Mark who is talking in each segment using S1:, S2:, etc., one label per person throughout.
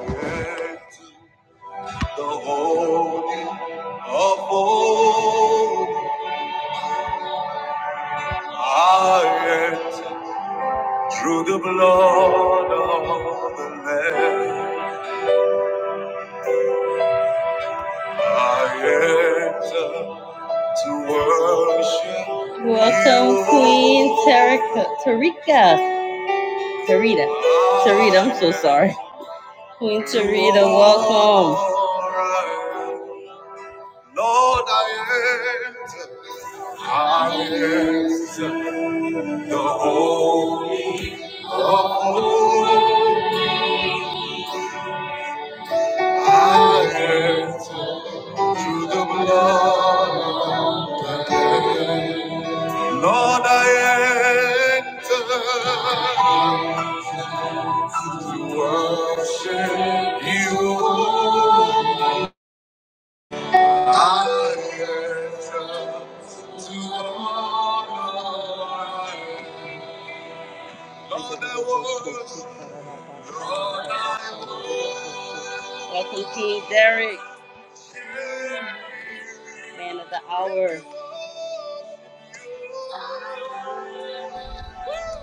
S1: And The holy of old I enter through the blood of the Lamb. I enter to worship. Welcome, you, Queen Tarika, Tarika, Tarita, Tarita. I'm so sorry, Queen Tarita. Welcome. Lord, I enter. I enter the holy of holies. I enter through the blood of the Lamb. Lord, I enter to worship you. I enter to honor. You. Lord, I worship. Lord, I worship. Welcome, King Derek, man of the hour.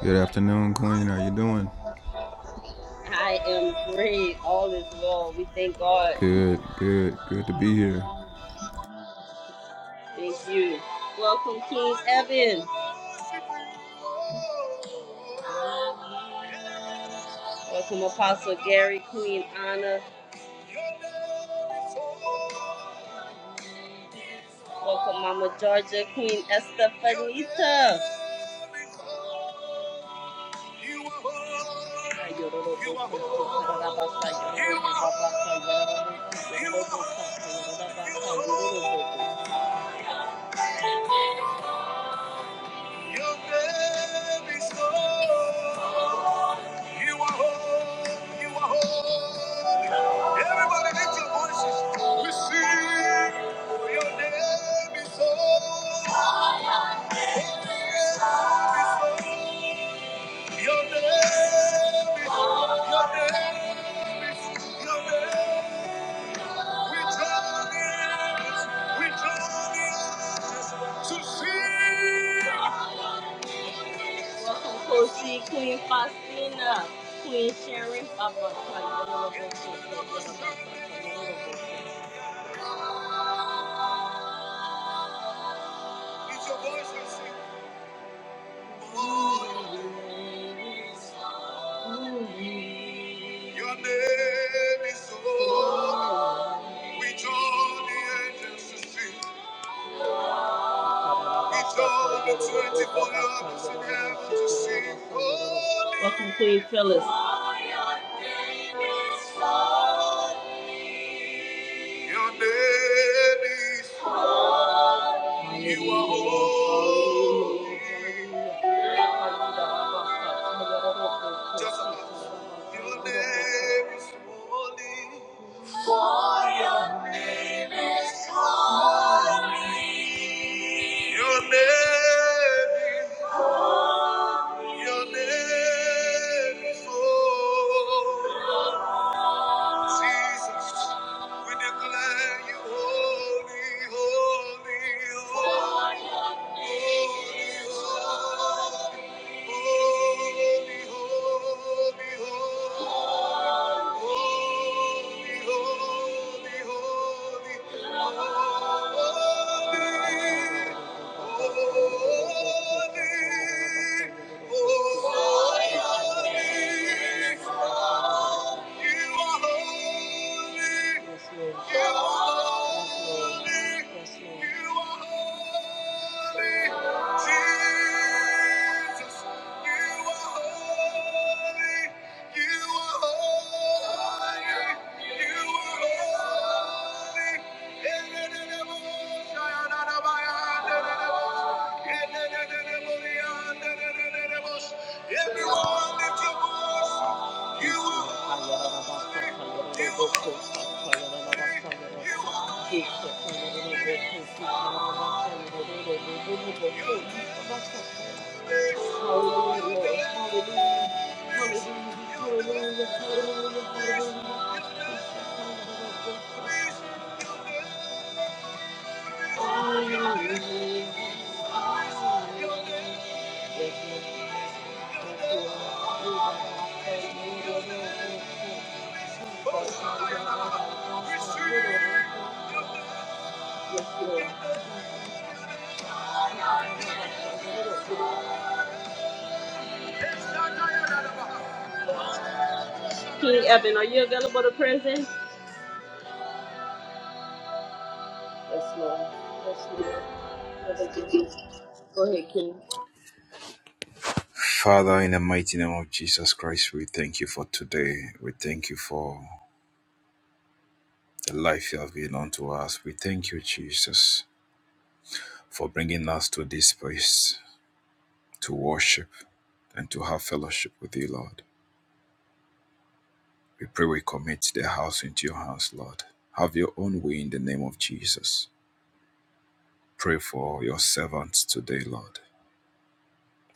S2: Good afternoon, Queen. How you doing?
S1: I am great. All is well. We thank God.
S2: Good, good, good to be here.
S1: Thank you. Welcome, King Evan. Welcome, Apostle Gary, Queen Anna. Welcome, Mama Georgia, Queen Estefanita. You are holy. You are holy. You are holy. You are holy. You are holy. Your name is holy. You are holy. You are holy. Everybody lift your voices. We sing. Your name is holy. Your name is holy. Your name is holy. Your name is holy. Your name is holy. see. Welcome, Queen Faustina, Queen Sharon, Papa, It's your Your name is holy. We draw the angels to see. Welcome to you, Phyllis. Your name is you are holy. Just your name is holy. Your name is Your name is holy. Jesus, we declare you holy, holy, holy, holy, holy, holy, holy. holy. Holy, holy, holy, holy. Holy, holy, holy. You are holy. Yes, You are holy. Yes, You are holy. Jesus. You are holy. You are holy. You are holy. Everyone lift your voice. King Evan, are you available to present? Yes, Lord. Yes, Lord. Yes, Lord. Go ahead, King.
S3: Father, in the mighty name of Jesus Christ, we thank you for today. We thank you for the life you have given unto us. We thank you, Jesus, for bringing us to this place to worship and to have fellowship with you, Lord. We pray we commit the house into your hands, Lord. Have your own way in the name of Jesus. Pray for your servants today, Lord,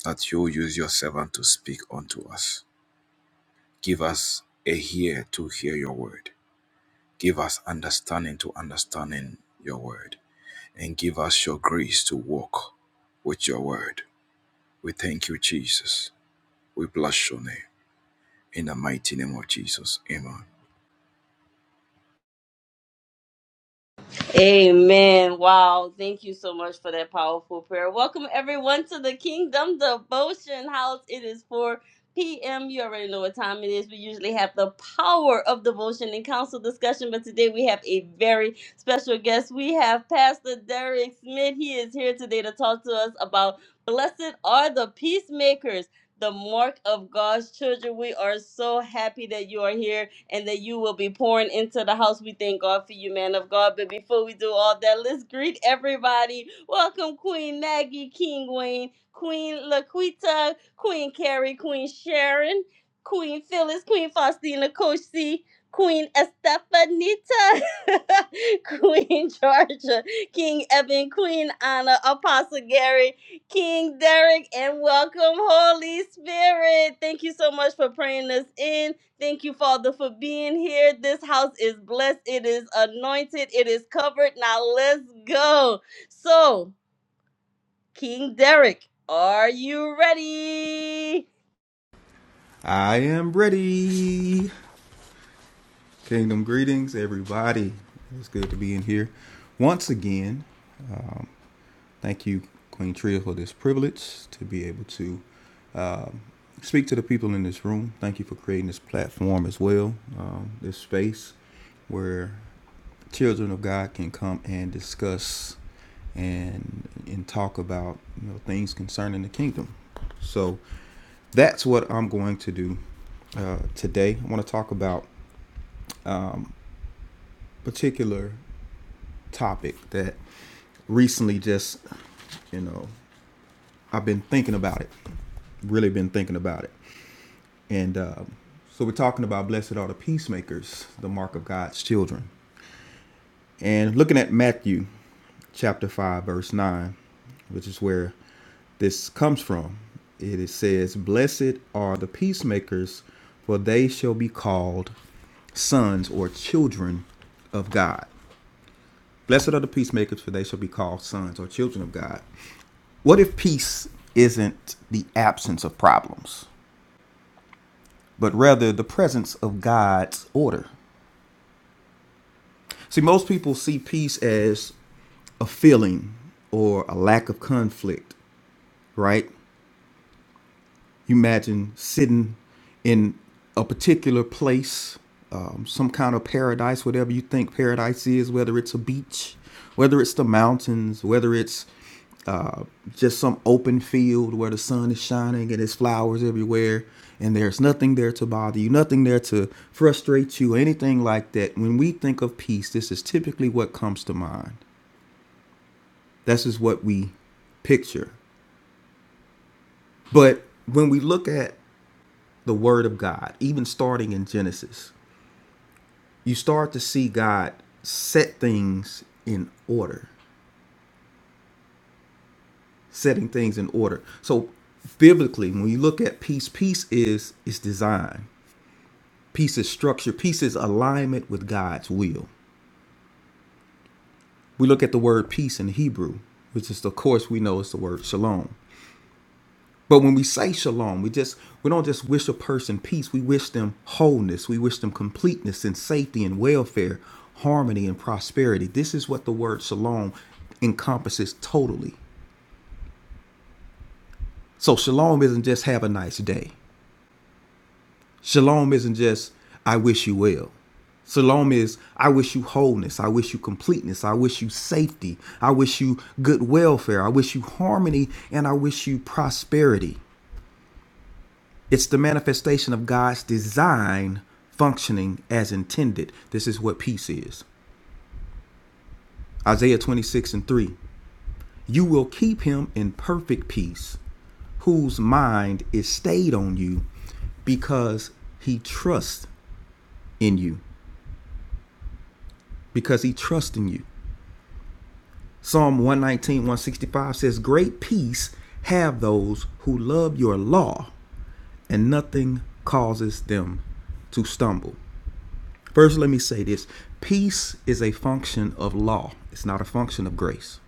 S3: that you use your servant to speak unto us. Give us a ear to hear your word Give us understanding to understanding your word and give us your grace to walk with your word. We thank you, Jesus. We bless your name in the mighty name of Jesus. Amen.
S1: Amen. Wow. Thank you so much for that powerful prayer. Welcome, everyone, to the Kingdom Devotion House. It is 4 p.m. You already know what time it is. We usually have the power of devotion and council discussion, but today we have a very special guest. We have Pastor Derek Smith. He is here today to talk to us about Blessed are the Peacemakers. The mark of God's children. We are so happy that you are here and that you will be pouring into the house. We thank God for you, man of God. But before we do all that, let's greet everybody. Welcome, Queen Maggie, King Wayne, Queen Laquita, Queen Carrie, Queen Sharon, Queen Phyllis, Queen Faustina, Coach C. Queen Estefanita, Queen Georgia, King Evan, Queen Anna, Apostle Gary, King Derek, and welcome, Holy Spirit. Thank you so much for praying us in. Thank you, Father, for being here. This house is blessed. It is anointed. It is covered. Now let's go. So, King Derek, are you ready?
S2: I am ready. Kingdom greetings, everybody. It's good to be in here once again. Um, thank you, Queen Tria, for this privilege to be able to um, speak to the people in this room. Thank you for creating this platform as well, um, this space where children of God can come and discuss and and talk about you know things concerning the kingdom. So that's what I'm going to do uh, today. I want to talk about a particular topic that recently just you know I've been thinking about it, really been thinking about it, and uh, so we're talking about blessed are the peacemakers, the mark of God's children, and looking at Matthew chapter 5, verse 9, which is where this comes from. It says, Blessed are the peacemakers, for they shall be called sons or children of God. Blessed are the peacemakers, for they shall be called sons or children of God. What if peace isn't the absence of problems, but rather the presence of God's order? See, most people see peace as a feeling or a lack of conflict, right? You imagine sitting in a particular place, um, some kind of paradise, whatever you think paradise is, whether it's a beach, whether it's the mountains, whether it's uh, just some open field where the sun is shining and there's flowers everywhere, and there's nothing there to bother you, nothing there to frustrate you, anything like that. When we think of peace, this is typically what comes to mind. This is what we picture. But when we look at the word of God, even starting in Genesis, you start to see God set things in order, setting things in order. So biblically, when you look at peace, peace is is design. Peace is structure. Peace is alignment with God's will. We look at the word peace in Hebrew, which is of course we know is the word shalom. But when we say shalom, we just we don't just wish a person peace. We wish them wholeness. We wish them completeness and safety and welfare, harmony and prosperity. This is what the word shalom encompasses totally. So shalom isn't just have a nice day. Shalom isn't just I wish you well. Shalom is I wish you wholeness. I wish you completeness. I wish you safety. I wish you good welfare. I wish you harmony and I wish you prosperity. It's the manifestation of God's design functioning as intended. This is what peace is. Isaiah 26 and 3. You will keep him in perfect peace, whose mind is stayed on you because he trusts in you. Because he trusts in you. Psalm 119, 165 says, Great peace have those who love your law, and nothing causes them to stumble. First, let me say this peace is a function of law, it's not a function of grace.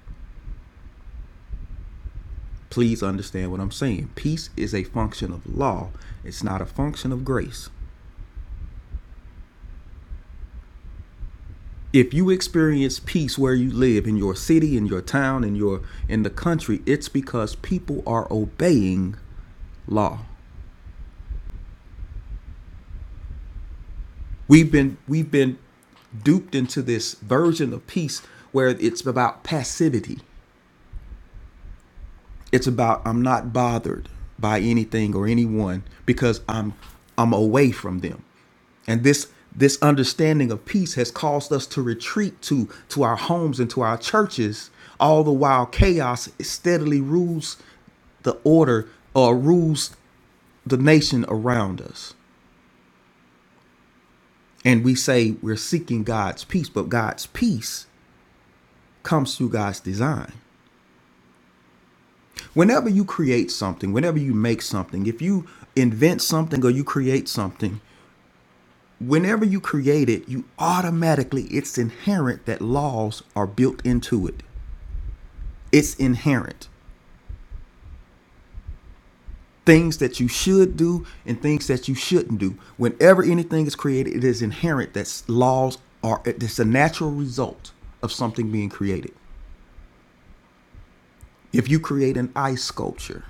S2: Please understand what I'm saying. Peace is a function of law, it's not a function of grace. If you experience peace where you live, in your city, in your town, in your in the country, it's because people are obeying law. We've been we've been duped into this version of peace where it's about passivity. it's about I'm not bothered by anything or anyone because I'm I'm away from them. And this this understanding of peace has caused us to retreat to to our homes and to our churches, all the while chaos steadily rules the order or rules the nation around us. And we say we're seeking God's peace, but God's peace comes through God's design. Whenever you create something, whenever you make something, if you invent something or you create something, whenever you create it, you automatically, it's inherent that laws are built into it. It's inherent. Things that you should do and things that you shouldn't do. Whenever anything is created, it is inherent that laws are, it's a natural result of something being created. If you create an ice sculpture,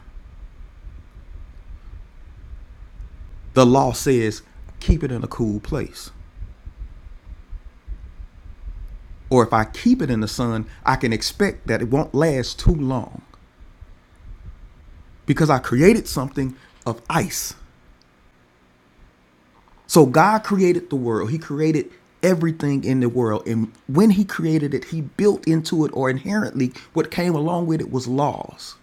S2: the law says keep it in a cool place. or if I keep it in the sun, I can expect that it won't last too long because I created something of ice. So God created the world, He created everything in the world. And when He created it, He built into it or inherently what came along with it was laws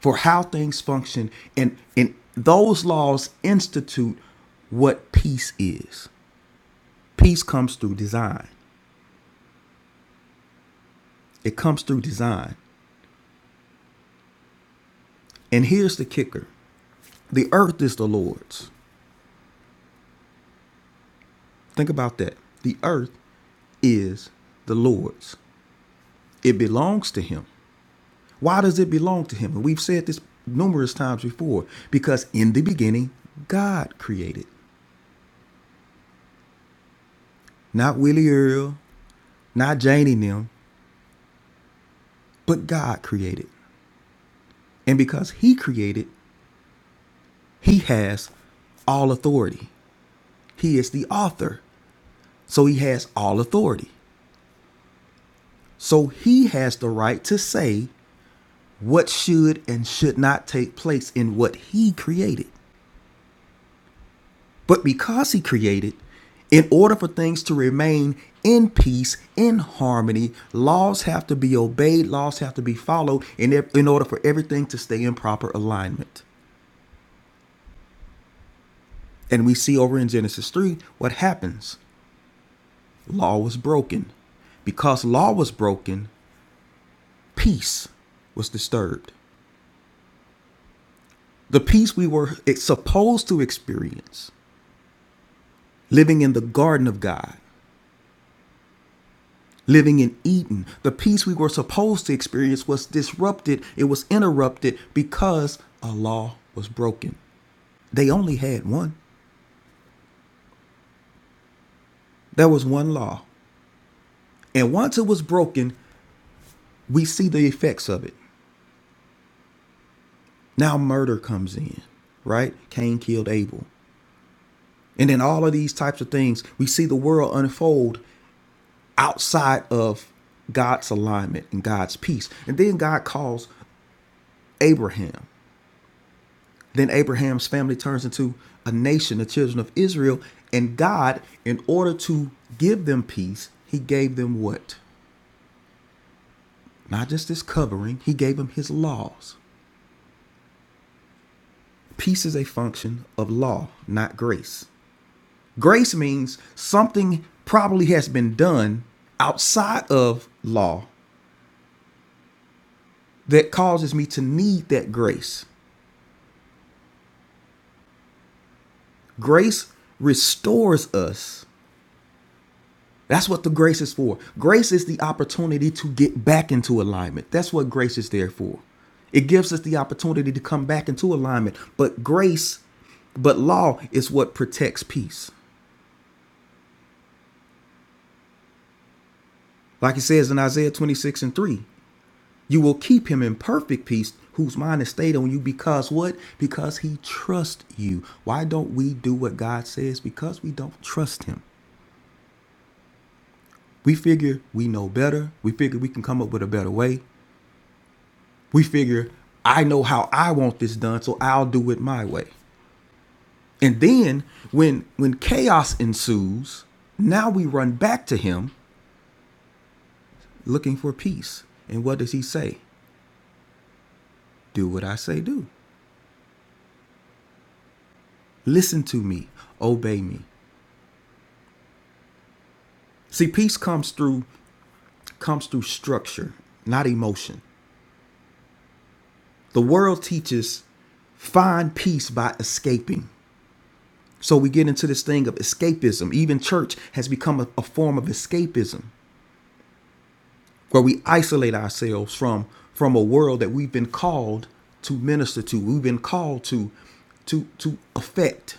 S2: for how things function. And, and those laws institute what peace is. Peace comes through design, it comes through design. And here's the kicker the earth is the Lord's Think about that. The earth is the Lord's. It belongs to him. Why does it belong to him? And we've said this numerous times before because in the beginning, God created. Not Willie Earl, not Janie them, but God created. And because he created, he has all authority. He is the author, so he has all authority. So he has the right to say what should and should not take place in what he created. But because he created, in order for things to remain in peace, in harmony, laws have to be obeyed, laws have to be followed in, in order for everything to stay in proper alignment. And we see over in Genesis 3 what happens law was broken. Because law was broken, peace was disturbed. The peace we were supposed to experience living in the garden of God Living in Eden, the peace we were supposed to experience was disrupted, it was interrupted because a law was broken. They only had one. There was one law. And once it was broken, we see the effects of it. Now murder comes in, right? Cain killed Abel. And then all of these types of things, we see the world unfold outside of God's alignment and God's peace. And then God calls Abraham. Then Abraham's family turns into a nation, the children of Israel. And God, in order to give them peace, he gave them what? Not just this covering, he gave them his laws. Peace is a function of law, not grace. Grace means something probably has been done outside of law that causes me to need that grace. Grace restores us That's what the grace is for. Grace is the opportunity to get back into alignment. That's what grace is there for. It gives us the opportunity to come back into alignment. But grace, but law is what protects peace. Like it says in Isaiah 26 and 3, you will keep him in perfect peace whose mind is stayed on you because what? Because he trusts you. Why don't we do what God says? Because we don't trust him. We figure we know better. We figure we can come up with a better way. we figure I know how I want this done, so I'll do it my way. And then when when chaos ensues, now we run back to him looking for peace. And what does he say? Do what I say do. Listen to me, obey me. See, peace comes through comes through structure, not emotion. The world teaches find peace by escaping. So we get into this thing of escapism. Even church has become a, a form of escapism. where we isolate ourselves from from a world that we've been called to minister to we've been called to to to affect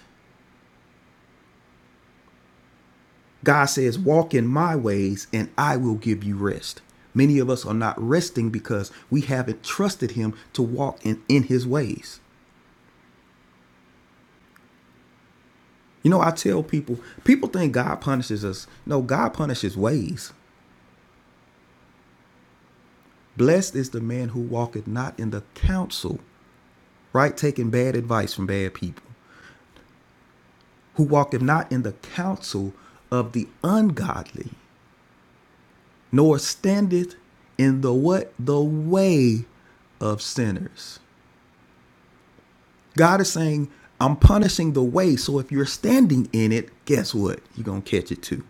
S2: god says walk in my ways and i will give you rest many of us are not resting because we haven't trusted him to walk in in his ways you know i tell people people think god punishes us no god punishes ways blessed is the man who walketh not in the counsel right taking bad advice from bad people who walketh not in the counsel of the ungodly, nor standeth in the what the way of sinners. God is saying, I'm punishing the way. So if you're standing in it, guess what? You're going to catch it too.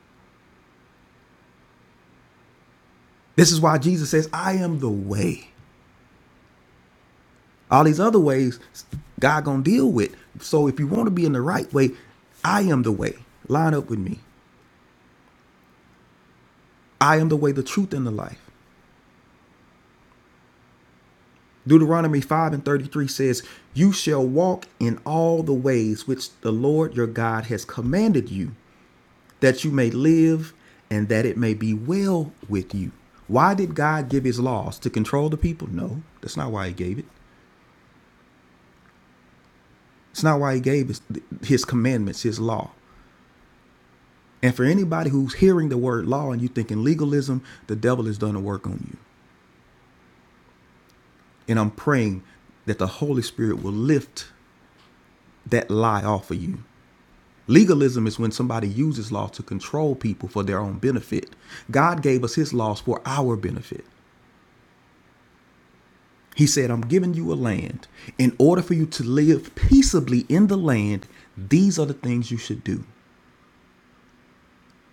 S2: This is why Jesus says, I am the way. All these other ways God going to deal with. So if you want to be in the right way, I am the way. Line up with me. I am the way, the truth, and the life. Deuteronomy 5 and 33 says, You shall walk in all the ways which the Lord your God has commanded you, that you may live and that it may be well with you. Why did God give his laws? To control the people? No, that's not why he gave it. It's not why he gave his, his commandments, his law. And for anybody who's hearing the word law and you thinking legalism, the devil has done a work on you. And I'm praying that the Holy Spirit will lift that lie off of you Legalism is when somebody uses law to control people for their own benefit. God gave us his laws for our benefit. He said, I'm giving you a land. In order for you to live peaceably in the land, these are the things you should do.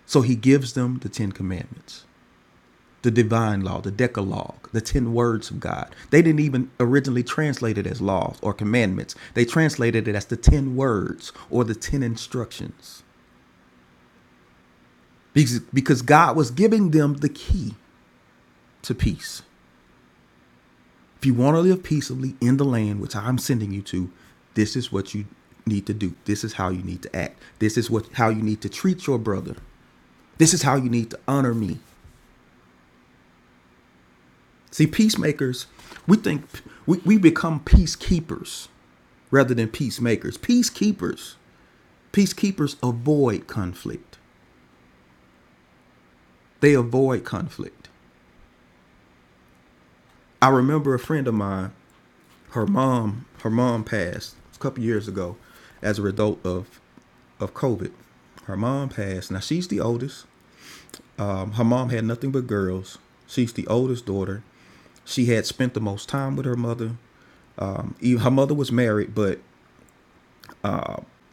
S2: So he gives them the Ten Commandments, the divine law, the Decalogue, the Ten Words of God. They didn't even originally translate it as laws or commandments, they translated it as the Ten Words or the Ten Instructions because because God was giving them the key to peace. If you want to live peaceably in the land which I'm sending you to, this is what you need to do. This is how you need to act. This is what how you need to treat your brother. This is how you need to honor me. See, peacemakers, we think we, we become peacekeepers rather than peacemakers. Peacekeepers, peacekeepers avoid conflict. They avoid conflict. I remember a friend of mine her mom her mom passed a couple years ago as a result of of COVID. Her mom passed. Now she's the oldest. Um, her mom had nothing but girls. She's the oldest daughter. She had spent the most time with her mother. Even- Her mother was married, but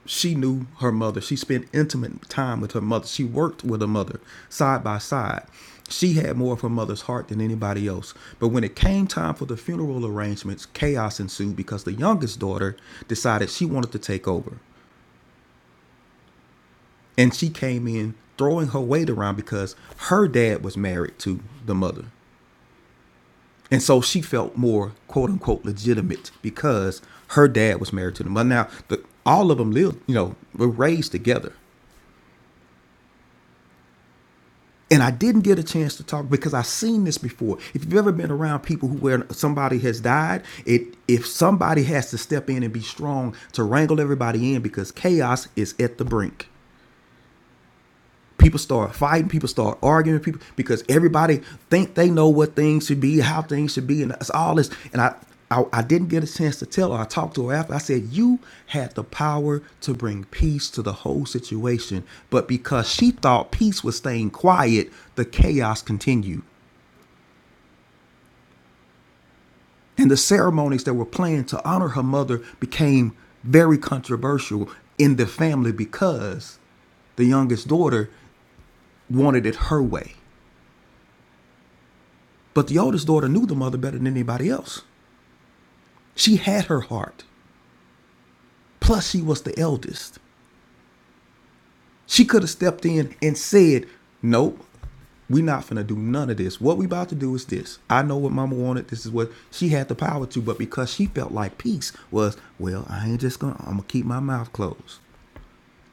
S2: she knew her mother. She spent intimate time with her mother. She worked with her mother side by side. She had more of her mother's heart than anybody else. But when it came time for the funeral arrangements, chaos ensued because the youngest daughter decided she wanted to take over. And she came in throwing her weight around because her dad was married to the mother. And so she felt more quote unquote legitimate because her dad was married to the mother. Now, the, all of them lived, you know, were raised together. and I didn't get a chance to talk because I've seen this before. If you've ever been around people who where somebody has died, it if somebody has to step in and be strong to wrangle everybody in because chaos is at the brink. People start fighting. People start arguing. People because everybody think they know what things should be, how things should be, and it's all this. And I, I, I didn't get a chance to tell her. I talked to her after. I said, "You had the power to bring peace to the whole situation, but because she thought peace was staying quiet, the chaos continued, and the ceremonies that were planned to honor her mother became very controversial in the family because." the youngest daughter wanted it her way. But the oldest daughter knew the mother better than anybody else. She had her heart. Plus, she was the eldest. She could have stepped in and said, Nope, we not finna do none of this. What we about to do is this. I know what mama wanted. This is what she had the power to, but because she felt like peace was, well, I ain't just gonna I'm gonna keep my mouth closed.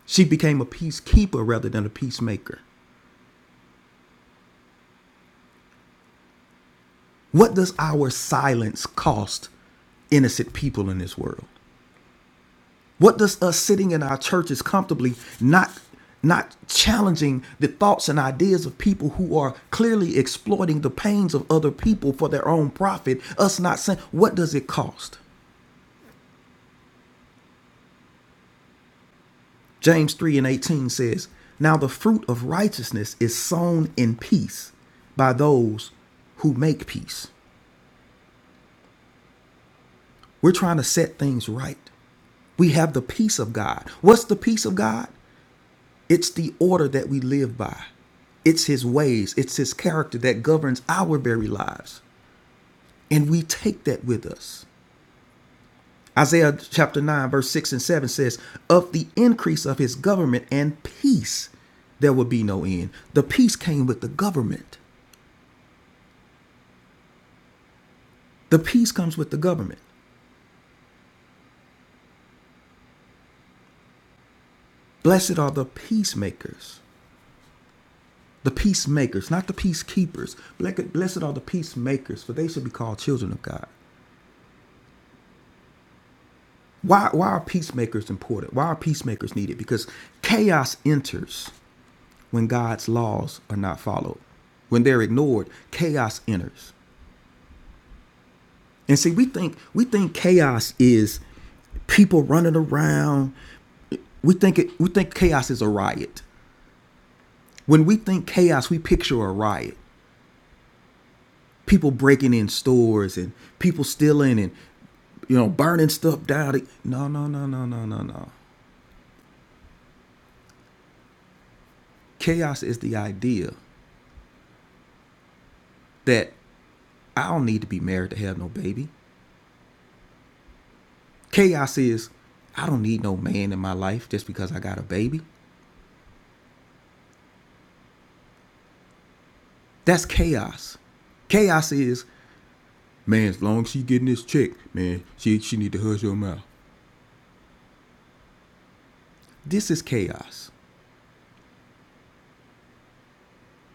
S2: She became a peacekeeper rather than a peacemaker. What does our silence cost innocent people in this world? What does us sitting in our churches comfortably not not challenging the thoughts and ideas of people who are clearly exploiting the pains of other people for their own profit, us not saying what does it cost? James 3 and 18 says, Now the fruit of righteousness is sown in peace by those who make peace. We're trying to set things right. We have the peace of God. What's the peace of God? It's the order that we live by. It's his ways, it's his character that governs our very lives. And we take that with us. Isaiah chapter 9, verse 6 and 7 says, Of the increase of his government and peace, there will be no end. The peace came with the government. The peace comes with the government. Blessed are the peacemakers, the peacemakers, not the peacekeepers. Blessed are the peacemakers, for they should be called children of God. Why why are peacemakers important? Why are peacemakers needed? Because chaos enters when God's laws are not followed. When they're ignored, chaos enters. And see, we think we think chaos is people running around. We think it we think chaos is a riot. When we think chaos, we picture a riot. People breaking in stores and people stealing and you know burning stuff down. No, no, no, no, no, no, no. Chaos is the idea that I don't need to be married to have no baby. Chaos is I don't need no man in my life just because I got a baby. That's chaos. Chaos is man, as long as she getting this check, man, she she need to hush your mouth. This is chaos.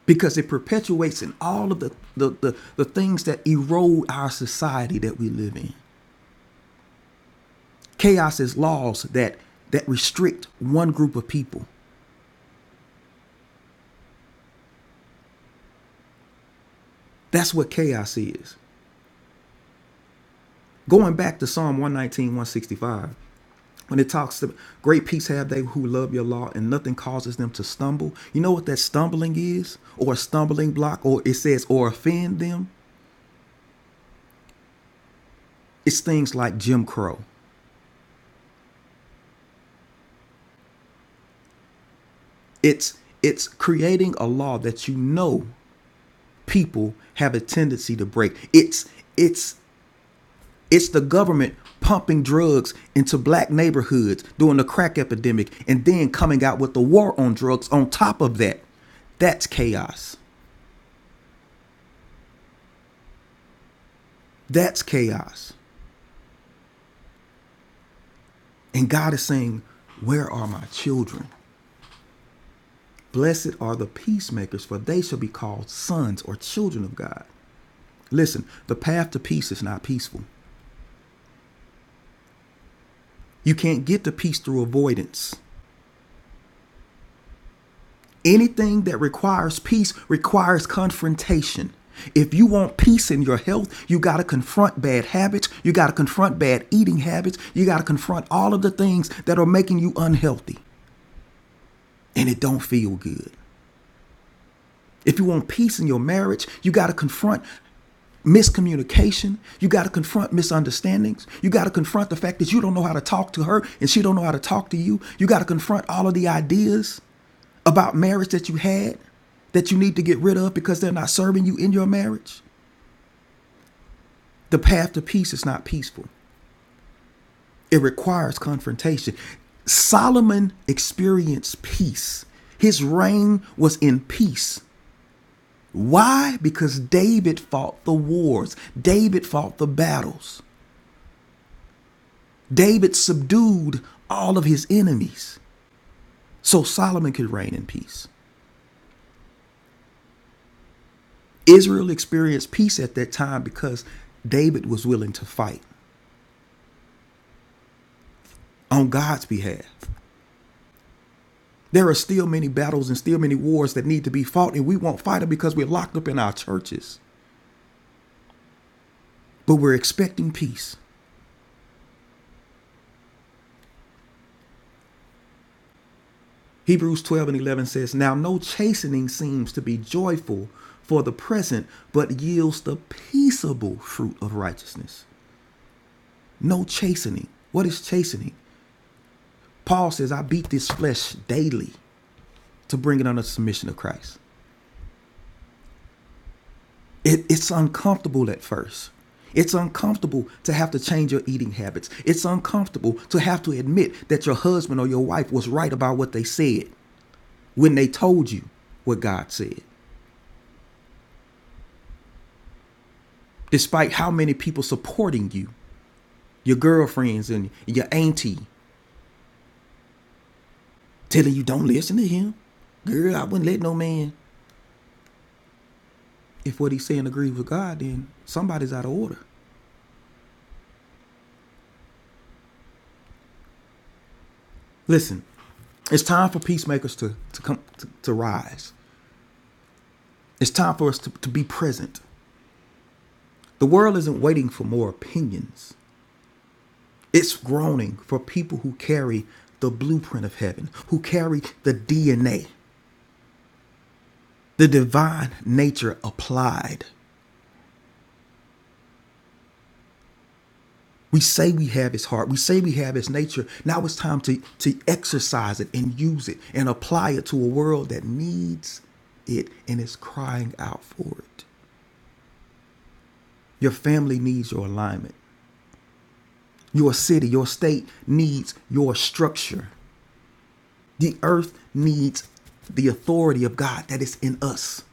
S2: Because it perpetuates in all of the the, the, the things that erode our society that we live in. Chaos is laws that that restrict one group of people. That's what chaos is. Going back to Psalm one nineteen one sixty five. when it talks to great peace have they who love your law and nothing causes them to stumble you know what that stumbling is or a stumbling block or it says or offend them it's things like jim crow it's it's creating a law that you know people have a tendency to break it's it's it's the government pumping drugs into black neighborhoods during the crack epidemic and then coming out with the war on drugs on top of that that's chaos that's chaos And God is saying, Where are my children? Blessed are the peacemakers, for they shall be called sons or children of God. Listen, the path to peace is not peaceful. You can't get to peace through avoidance. Anything that requires peace requires confrontation. If you want peace in your health, you got to confront bad habits. You got to confront bad eating habits. You got to confront all of the things that are making you unhealthy and it don't feel good. If you want peace in your marriage, you got to confront miscommunication you got to confront misunderstandings you got to confront the fact that you don't know how to talk to her and she don't know how to talk to you you got to confront all of the ideas about marriage that you had that you need to get rid of because they're not serving you in your marriage the path to peace is not peaceful it requires confrontation solomon experienced peace his reign was in peace why because david fought the wars david fought the battles David subdued all of his enemies so Solomon could reign in peace. Israel experienced peace at that time because David was willing to fight on God's behalf. There are still many battles and still many wars that need to be fought, and we won't fight them because we're locked up in our churches. But we're expecting peace. Hebrews 12 and 11 says, Now no chastening seems to be joyful for the present, but yields the peaceable fruit of righteousness. No chastening. What is chastening? Paul says, I beat this flesh daily to bring it under submission to Christ. It, it's uncomfortable at first. It's uncomfortable to have to change your eating habits. It's uncomfortable to have to admit that your husband or your wife was right about what they said when they told you what God said. Despite how many people supporting you, your girlfriends and your auntie telling you don't listen to him. Girl, I wouldn't let no man. If what he's saying agrees with God, then somebody's out of order. Listen, it's time for peacemakers to, to come to, to rise. It's time for us to, to be present. The world isn't waiting for more opinions. It's groaning for people who carry the blueprint of heaven, who carry the DNA, the divine nature applied. We say we have his heart. We say we have his nature. Now it's time to, to exercise it and use it and apply it to a world that needs it and is crying out for it. Your family needs your alignment. Your city, your state needs your structure. The earth needs the authority of God that is in us.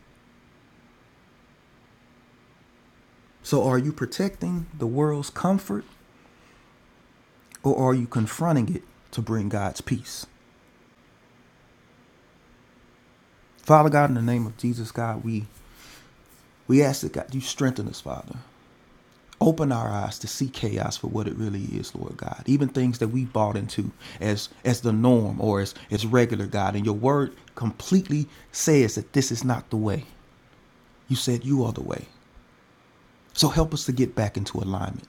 S2: So, are you protecting the world's comfort or are you confronting it to bring God's peace? Father God, in the name of Jesus, God, we, we ask that God, you strengthen us, Father. Open our eyes to see chaos for what it really is, Lord God. Even things that we bought into as as the norm or as, as regular, God. And your word completely says that this is not the way. You said you are the way. So help us to get back into alignment.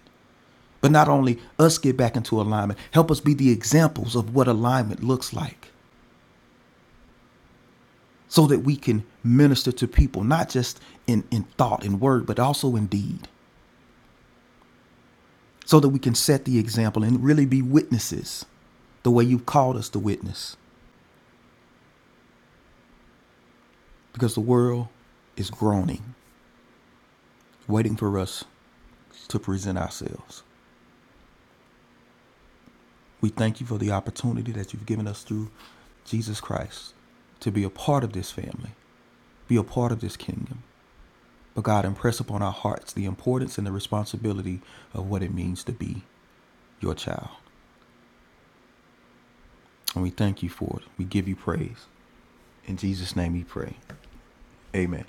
S2: But not only us get back into alignment, help us be the examples of what alignment looks like so that we can minister to people, not just in, in thought and word, but also in deed, so that we can set the example and really be witnesses the way you've called us to witness. Because the world is groaning, waiting for us to present ourselves. We thank you for the opportunity that you've given us through Jesus Christ to be a part of this family, be a part of this kingdom. But God, impress upon our hearts the importance and the responsibility of what it means to be your child. And we thank you for it. We give you praise. In Jesus' name we pray. Amen.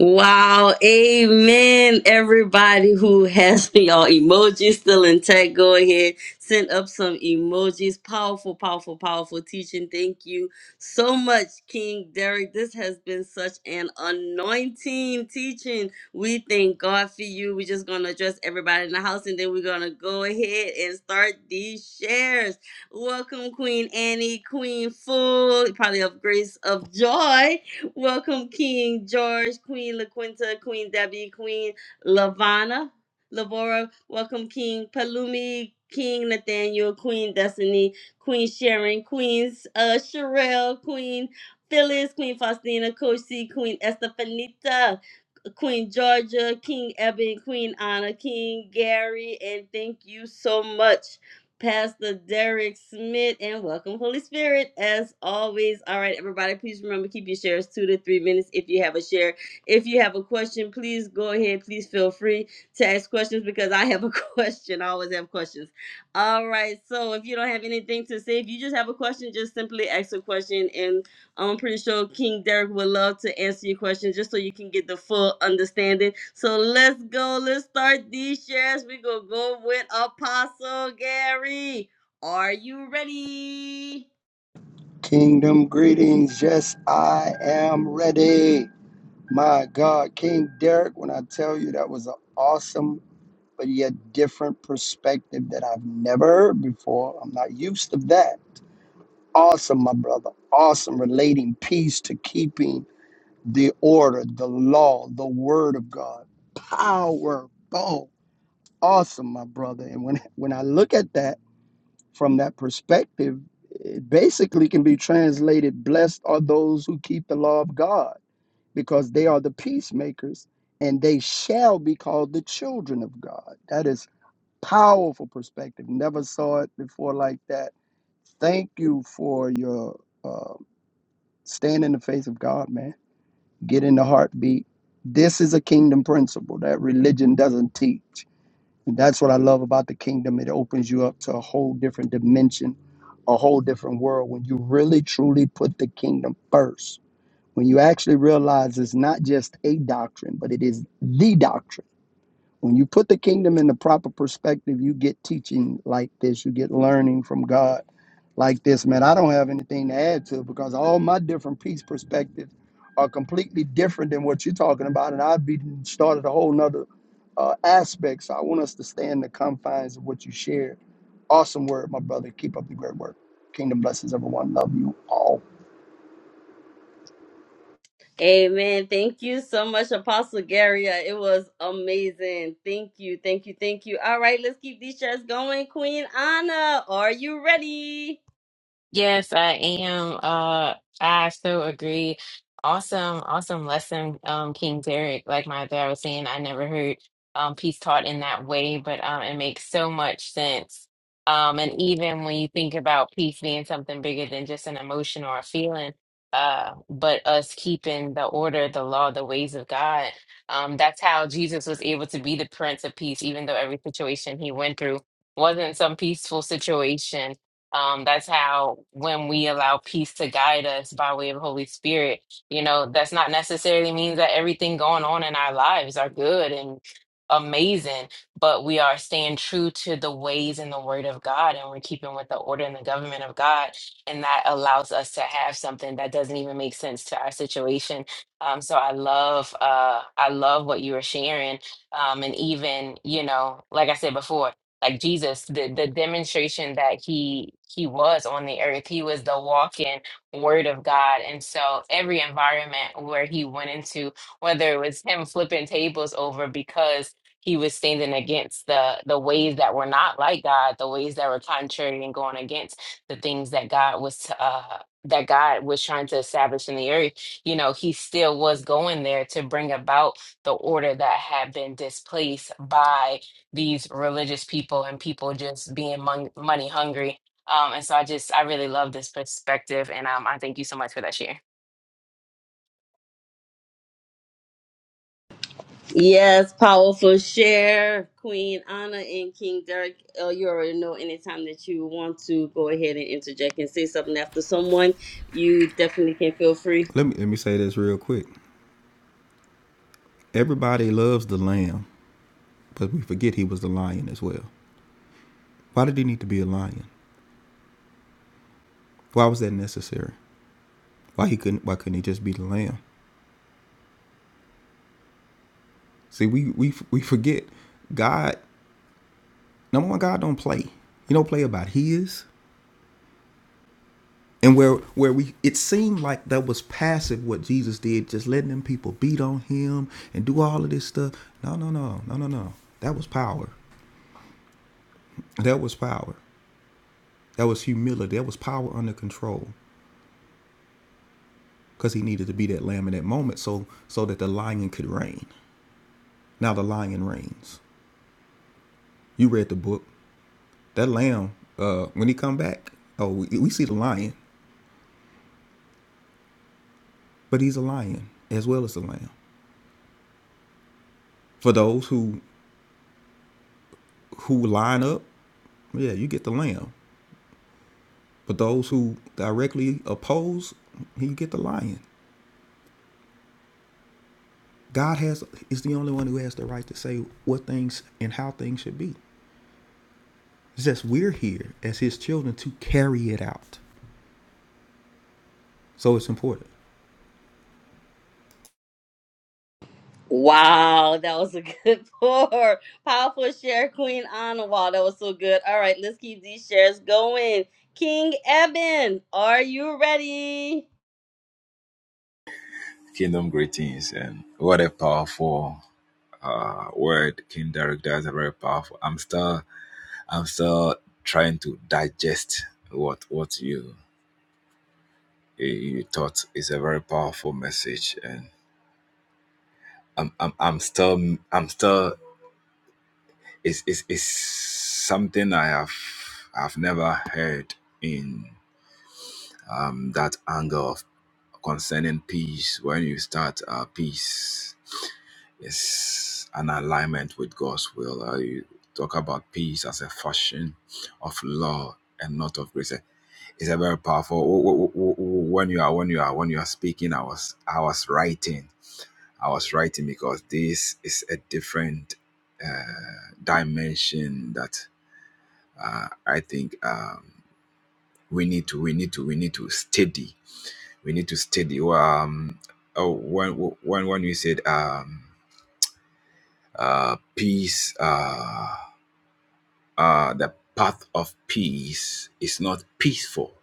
S1: Wow, amen. Everybody who has y'all emojis still intact, go ahead, send up some emojis. Powerful, powerful, powerful teaching. Thank you so much, King Derek. This has been such an anointing teaching. We thank God for you. We're just going to address everybody in the house and then we're going to go ahead and start these shares. Welcome, Queen Annie, Queen Full, probably of grace, of joy. Welcome, King George, Queen LaQuinta, Queen Debbie, Queen Lavana, Lavora. Welcome, King Palumi, King Nathaniel, Queen Destiny, Queen Sharon, Queen uh, Sherelle, Queen Phyllis, Queen Faustina, Coach C, Queen Estefanita. Queen Georgia, King Eben, Queen Anna, King Gary, and thank you so much, Pastor Derek Smith, and welcome, Holy Spirit, as always. All right, everybody, please remember keep your shares two to three minutes if you have a share. If you have a question, please go ahead. Please feel free to ask questions because I have a question. I always have questions. All right, so if you don't have anything to say, if you just have a question, just simply ask a question, and. I'm pretty sure King Derek would love to answer your question just so you can get the full understanding. So let's go. Let's start these shares. We're going to go with Apostle Gary. Are you ready?
S4: Kingdom greetings. Yes, I am ready. My God, King Derek, when I tell you that was an awesome but yet different perspective that I've never heard before, I'm not used to that. Awesome, my brother. Awesome relating peace to keeping the order, the law, the word of God. Powerful. Awesome, my brother. And when when I look at that, from that perspective, it basically can be translated blessed are those who keep the law of God, because they are the peacemakers and they shall be called the children of God. That is powerful perspective. Never saw it before like that. Thank you for your uh, stand in the face of God, man. Get in the heartbeat. This is a kingdom principle that religion doesn't teach. And that's what I love about the kingdom. It opens you up to a whole different dimension, a whole different world when you really truly put the kingdom first. When you actually realize it's not just a doctrine, but it is the doctrine when you put the kingdom in the proper perspective, you get teaching like this, you get learning from God like this. Man, I don't have anything to add to it because all my different peace perspectives are completely different than what you're talking about. And I've been started a whole nother uh, aspect. So I want us to stay in the confines of what you shared. Awesome word, my brother. Keep up the great work. Kingdom blessings, everyone. Love you all.
S1: Amen. Thank you so much, Apostle Gary. Uh, It was amazing. Thank you. Thank you. Thank you. All right, let's keep these shares going. Queen Anna, are you ready?
S5: Yes, I am. Uh, I so agree. Awesome, awesome lesson, um, King Derek. Like my dad was saying, I never heard um peace taught in that way, but um, it makes so much sense. Um, and even when you think about peace being something bigger than just an emotion or a feeling, uh, but us keeping the order, the law, the ways of God, um, that's how Jesus was able to be the Prince of Peace, even though every situation he went through wasn't some peaceful situation um, that's how when we allow peace to guide us by way of Holy Spirit, you know, that's not necessarily means that everything going on in our lives are good and amazing, but we are staying true to the ways and the word of God and we're keeping with the order and the government of God. And that allows us to have something that doesn't even make sense to our situation. Um, so I love uh I love what you were sharing. Um, and even, you know, like I said before, like Jesus, the, the demonstration that he he was on the earth. He was the walking word of God. And so every environment where he went into, whether it was him flipping tables over because he was standing against the the ways that were not like God, the ways that were contrary and going against the things that God was uh that God was trying to establish in the earth, you know, he still was going there to bring about the order that had been displaced by these religious people and people just being mon- money hungry. Um, and so I just, I really love this perspective. And um, I thank you so much for that share.
S1: Yes, powerful share, Queen Anna and King Derek. Uh, you already know anytime that you want to go ahead and interject and say something after someone, you definitely can feel free.
S2: Let me let me say this real quick. Everybody loves the lamb, but we forget he was the lion as well. Why did he need to be a lion? Why was that necessary? Why he couldn't why couldn't he just be the lamb? See, we we we forget God number one, God don't play. He don't play about his. And where where we it seemed like that was passive what Jesus did, just letting them people beat on him and do all of this stuff. No, no, no, no, no, no. That was power. That was power. That was humility. That was power under control. Because he needed to be that lamb in that moment so so that the lion could reign. Now the lion reigns. You read the book. That lamb, uh, when he come back, oh we, we see the lion, but he's a lion as well as the lamb. For those who who line up, yeah, you get the lamb. But those who directly oppose, he get the lion. God has is the only one who has the right to say what things and how things should be. It's just we're here as his children to carry it out. So it's important.
S1: Wow, that was a good pour. Powerful share, Queen Anna. Wow, that was so good. All right, let's keep these shares going. King Eben, are you ready?
S3: Kingdom greetings and what a powerful uh, word King Derek does. A very powerful. I'm still, I'm still trying to digest what what you you taught. is a very powerful message, and I'm I'm, I'm still I'm still It's, it's, it's something I have I've never heard in um, that angle of concerning peace. When you start uh, peace, it's an alignment with God's will. Uh, you talk about peace as a fashion of law and not of grace. It's a very powerful. w- w- w- w- When you are when you are when you are speaking, I was I was writing. I was writing because this is a different uh, dimension that uh, I think um, we need to we need to we need to steady we need to steady. Well, Um, oh, when when when we said um, uh, peace, uh, uh, the path of peace is not peaceful,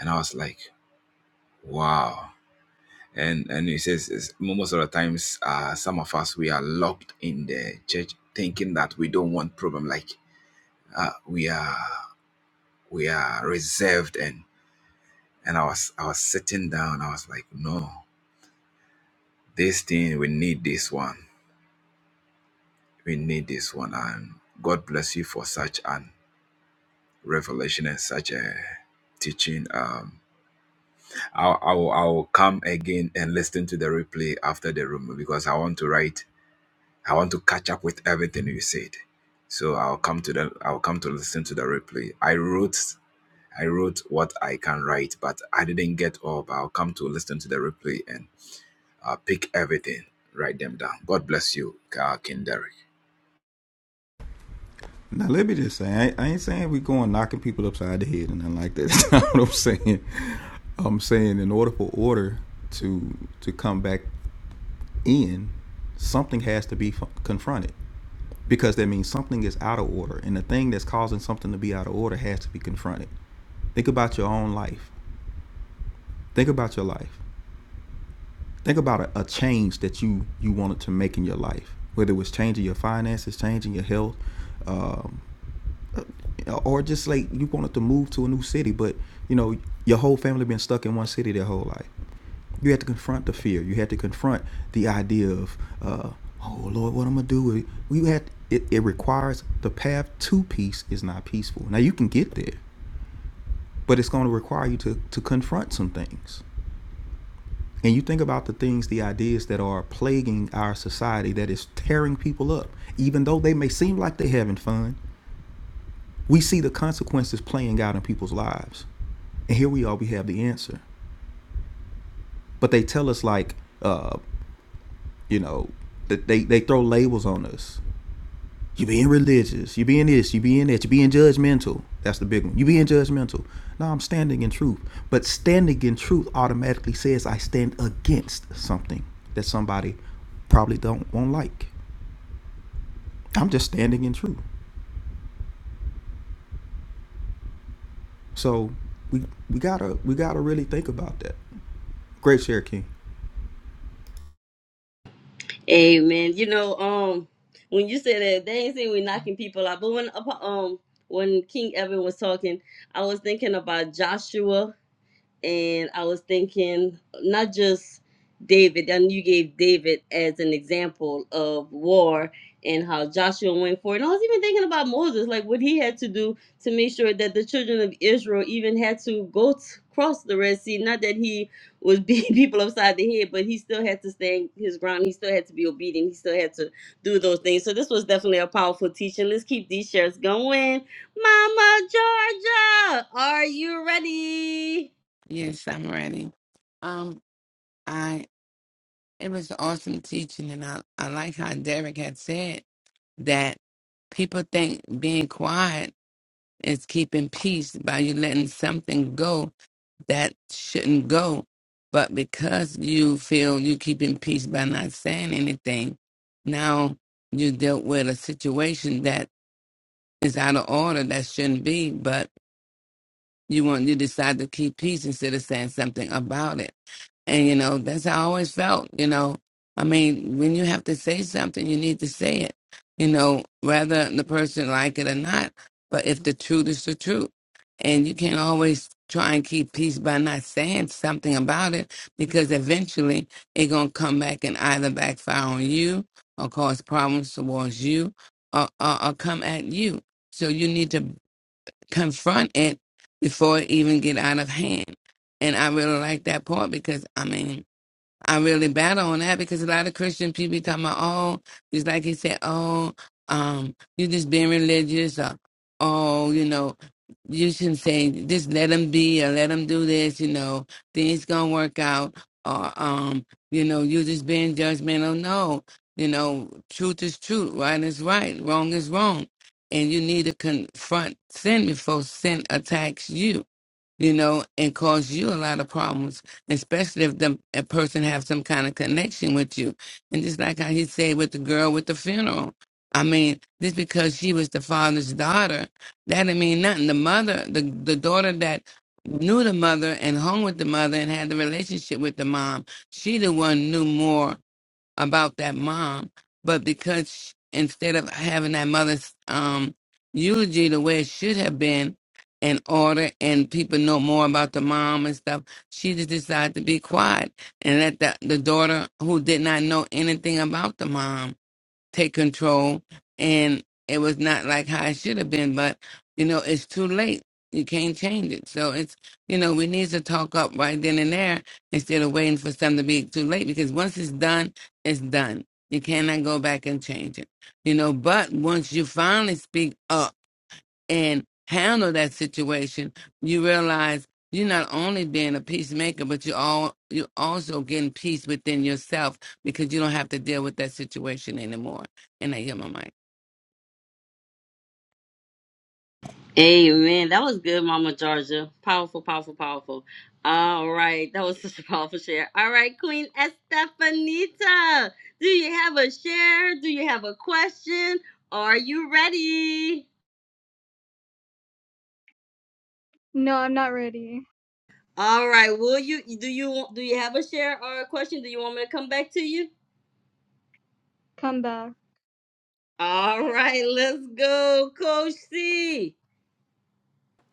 S3: and I was like, wow. And and he says is most of the times, uh, some of us we are locked in the church thinking that we don't want problem. Like uh, we are we are reserved and And I was I was sitting down. I was like, no, this thing we need this one. We need this one. And God bless you for such an revelation and such a teaching. Um, I'll, I'll I'll come again and listen to the replay after the room because I want to write. I want to catch up with everything you said. So I'll come to the I'll come to listen to the replay. I wrote I wrote what I can write, but I didn't get all. But I'll come to listen to the replay and. Uh, pick everything. Write them down. God bless you, uh, King Derek.
S2: Now let me just say, I, ain't- saying we are going knocking people upside the head and nothing like that. That's not what I'm saying. I'm saying in order for order to to come back in, something has to be confronted. because that means something is out of order and the thing that's causing something to be out of order has to be confronted think about your own life think about your life think about a, a change that you you wanted to make in your life whether it was changing your finances changing your health um, uh, or just like you wanted to move to a new city but you know your whole family been stuck in one city their whole life you had to confront the fear. You had to confront the idea of, uh, oh Lord, what I'm gonna do? with You had it. It requires the path to peace is not peaceful. Now you can get there, but it's going to require you to to confront some things. And you think about the things, the ideas that are plaguing our society that is tearing people up, even though they may seem like they're having fun. We see the consequences playing out in people's lives, and here we are. We have the answer, but they tell us like, uh, you know, that they they throw labels on us You being religious. You being this. You being that. You being judgmental. That's the big one. You being judgmental. No, I'm standing in truth. But standing in truth automatically says I stand against something that somebody probably don't won't like. I'm just standing in truth. So we we gotta we gotta really think about that. Great Cherokee.
S1: Amen. You know, um, when you said that, they ain't saying we knocking people out. But when uh, um when King Evan was talking, I was thinking about Joshua and I was thinking not just David, and you gave David as an example of war and how Joshua went forward. And I was even thinking about Moses, like what he had to do to make sure that the children of Israel even had to go t- cross the Red Sea. Not that he was beating people upside the head, but he still had to stand his ground. He still had to be obedient. He still had to do those things. So this was definitely a powerful teaching. Let's keep these shares going. Mama Georgia, are you ready?
S6: Yes, I'm ready. Um, I it was awesome teaching, and I I like how Derek had said that people think being quiet is keeping peace by you letting something go that shouldn't go, but because you feel you keeping peace by not saying anything, now you dealt with a situation that is out of order that shouldn't be, but you want you decide to keep peace instead of saying something about it. And you know, that's how I always felt, you know. I mean, when you have to say something, you need to say it, you know, whether the person like it or not. But if the truth is the truth. And you can't always try and keep peace by not saying something about it because eventually it gonna come back and either backfire on you or cause problems towards you or, or, or come at you. So you need to confront it before it even get out of hand. And I really like that part because I mean I really battle on that because a lot of Christian people be talking about, oh, just like he said, oh, um, you just being religious, or oh, you know, you shouldn't say just let them be or let them do this, you know, things gonna work out, or um, you know, you just being judgmental. No, you know, truth is truth, right is right, wrong is wrong, and you need to confront sin before sin attacks you you know, and cause you a lot of problems, especially if the a person have some kind of connection with you. And just like how he said with the girl with the funeral, I mean, just because she was the father's daughter, that didn't mean nothing. The mother, the the daughter that knew the mother and hung with the mother and had the relationship with the mom, she the one knew more about that mom, but because sh- instead of having that mother's um, eulogy the way it should have been in order and people know more about the mom and stuff, she just decided to be quiet and let the, the daughter who did not know anything about the mom take control and it was not like how it should have been but you know it's too late you can't change it so it's you know we need to talk up right then and there instead of waiting for something to be too late because once it's done it's done you cannot go back and change it you know but once you finally speak up and handle that situation, you realize you're not only being a peacemaker, but you all you also getting peace within yourself because you don't have to deal with that situation anymore. And I hear my mic.
S1: Amen. That was good, Mama Georgia. Powerful, powerful, powerful. All right. That was such a powerful share. All right, Queen Estefanita. Do you have a share? Do you have a question? Are you ready?
S7: No, I'm not ready.
S1: All right. Will you do you do you have a share or a question? Do you want me to come back to you?
S7: Come back.
S1: All right, let's go, Coach C.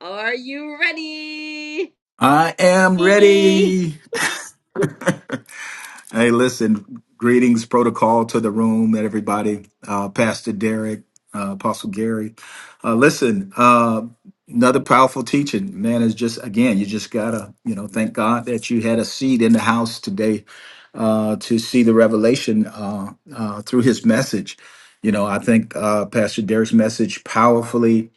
S1: Are you ready?
S8: I am ready. hey, listen, greetings, protocol to the room, everybody. Uh, Pastor Derek, uh, Apostle Gary. Uh, listen, uh, another powerful teaching, man, is just, again, you just gotta, you know, thank God that you had a seat in the house today uh, to see the revelation uh, uh, through his message. You know, I think uh, Pastor Derek's message powerfully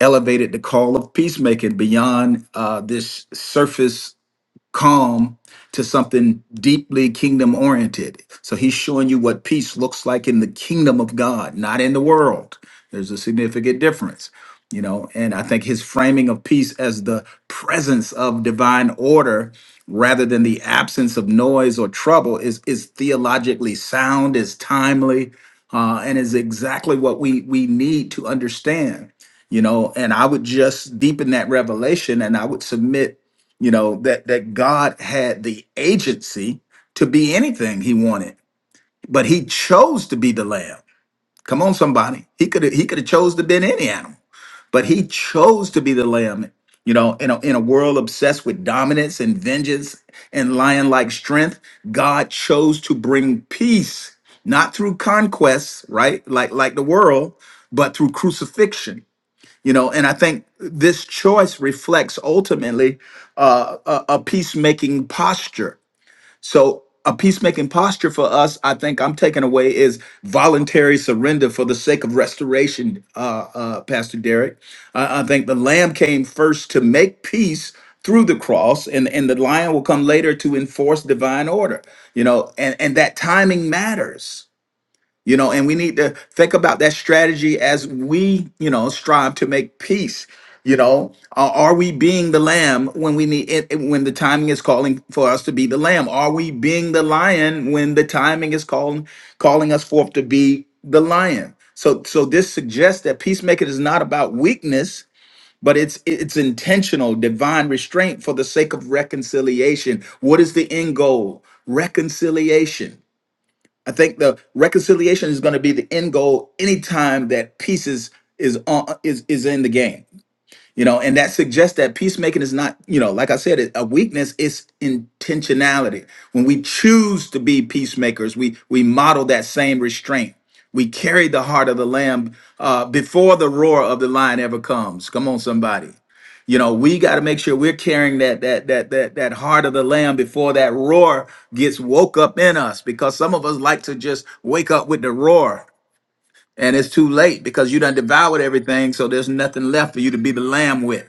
S8: elevated the call of peacemaking beyond uh, this surface calm to something deeply kingdom oriented. So he's showing you what peace looks like in the kingdom of God, not in the world. There's a significant difference, you know. And I think his framing of peace as the presence of divine order rather than the absence of noise or trouble is is theologically sound, is timely, uh, and is exactly what we we need to understand you know and i would just deepen that revelation and i would submit you know that that god had the agency to be anything he wanted but he chose to be the lamb come on somebody he could have he could have chose to been any animal but he chose to be the lamb you know in a, in a world obsessed with dominance and vengeance and lion like strength god chose to bring peace not through conquests right like like the world but through crucifixion you know and i think this choice reflects ultimately uh, a, a peacemaking posture so a peacemaking posture for us i think i'm taking away is voluntary surrender for the sake of restoration uh, uh, pastor derek I, I think the lamb came first to make peace through the cross and, and the lion will come later to enforce divine order you know and, and that timing matters you know and we need to think about that strategy as we you know strive to make peace you know are, are we being the lamb when we need it when the timing is calling for us to be the lamb are we being the lion when the timing is calling calling us forth to be the lion so so this suggests that peacemaking is not about weakness but it's it's intentional divine restraint for the sake of reconciliation what is the end goal reconciliation I think the reconciliation is going to be the end goal anytime that peace is is on is is in the game you know and that suggests that peacemaking is not you know like i said it- a weakness it's intentionality when we choose to be peacemakers we we model that same restraint we carry the heart of the lamb uh, before the roar of the lion ever comes come on somebody you know we got to make sure we're carrying that that that that that heart of the lamb before that roar gets woke up in us because some of us like to just wake up with the roar and it's too late because you done devoured everything so there's nothing left for you to be the lamb with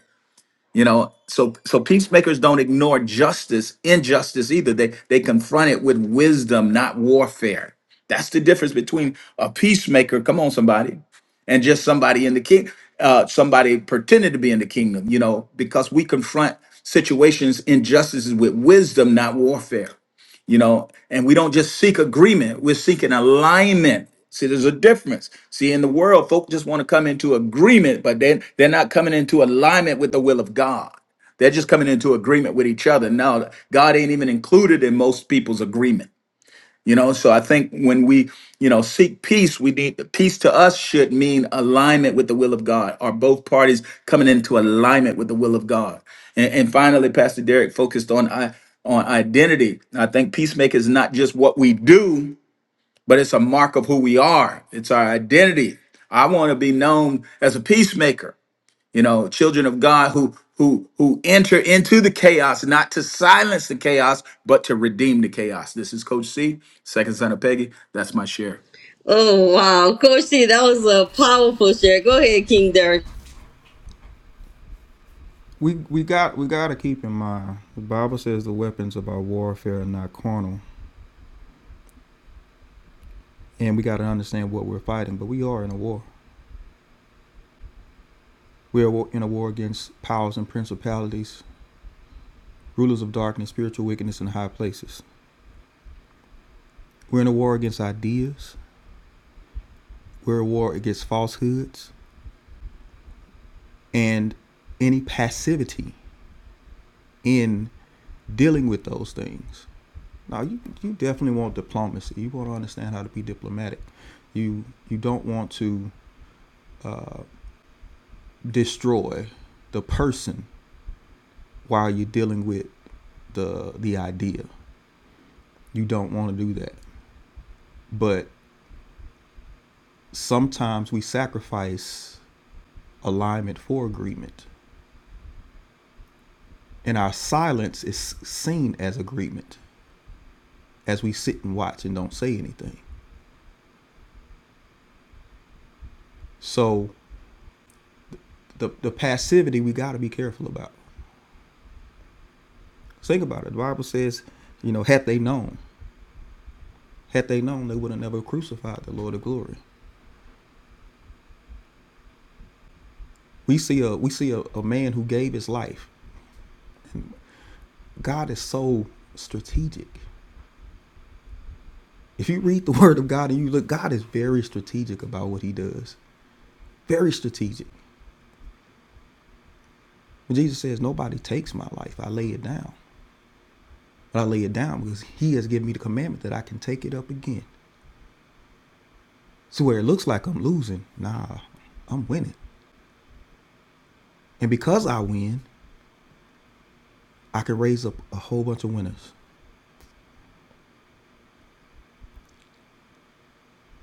S8: you know so so peacemakers don't ignore justice injustice either they they confront it with wisdom not warfare that's the difference between a peacemaker come on somebody and just somebody in the king uh somebody pretending to be in the kingdom you know because we confront situations injustices with wisdom not warfare you know and we don't just seek agreement we're seeking alignment see there's a difference see in the world folk just want to come into agreement but then they're not coming into alignment with the will of god they're just coming into agreement with each other now god ain't even included in most people's agreement you know, so I think when we, you know, seek peace, we need peace to us should mean alignment with the will of God. Are both parties coming into alignment with the will of God? And, and finally, Pastor Derek focused on I on identity. I think peacemaking is not just what we do, but it's a mark of who we are. It's our identity. I want to be known as a peacemaker you know children of god who who who enter into the chaos not to silence the chaos but to redeem the chaos this is coach c second son of peggy that's my share
S1: Oh wow, Coach C, that was a powerful share. Go ahead, King
S2: We we got we gotta keep in mind the Bible says the weapons of our warfare are not carnal, and we gotta understand what we're fighting. But we are in a war. We are in a war against powers and principalities rulers of darkness, spiritual wickedness in high places. We're in a war against ideas, we're in a war against falsehoods, and any passivity in dealing with those things. Now, you, you definitely want diplomacy. You want to understand how to be diplomatic. You you don't want to destroy the person while you're dealing with the the idea. You don't want to do that. But sometimes we sacrifice alignment for agreement. and our silence is seen as agreement as we sit and watch and don't say anything. So the the passivity we got to be careful about. Think about it. The Bible says, you know, had they known, had they known, they would have never crucified the Lord of glory. We see a we see a, a man who gave his life. And God is so strategic. If you read the Word of God and you look, God is very strategic about what He does. Very strategic. When Jesus says, "Nobody takes my life; I lay it down." But I lay it down because he has given me the commandment that I can take it up again. So where it looks like I'm losing, nah, I'm winning. And because I win, I can raise up a whole bunch of winners.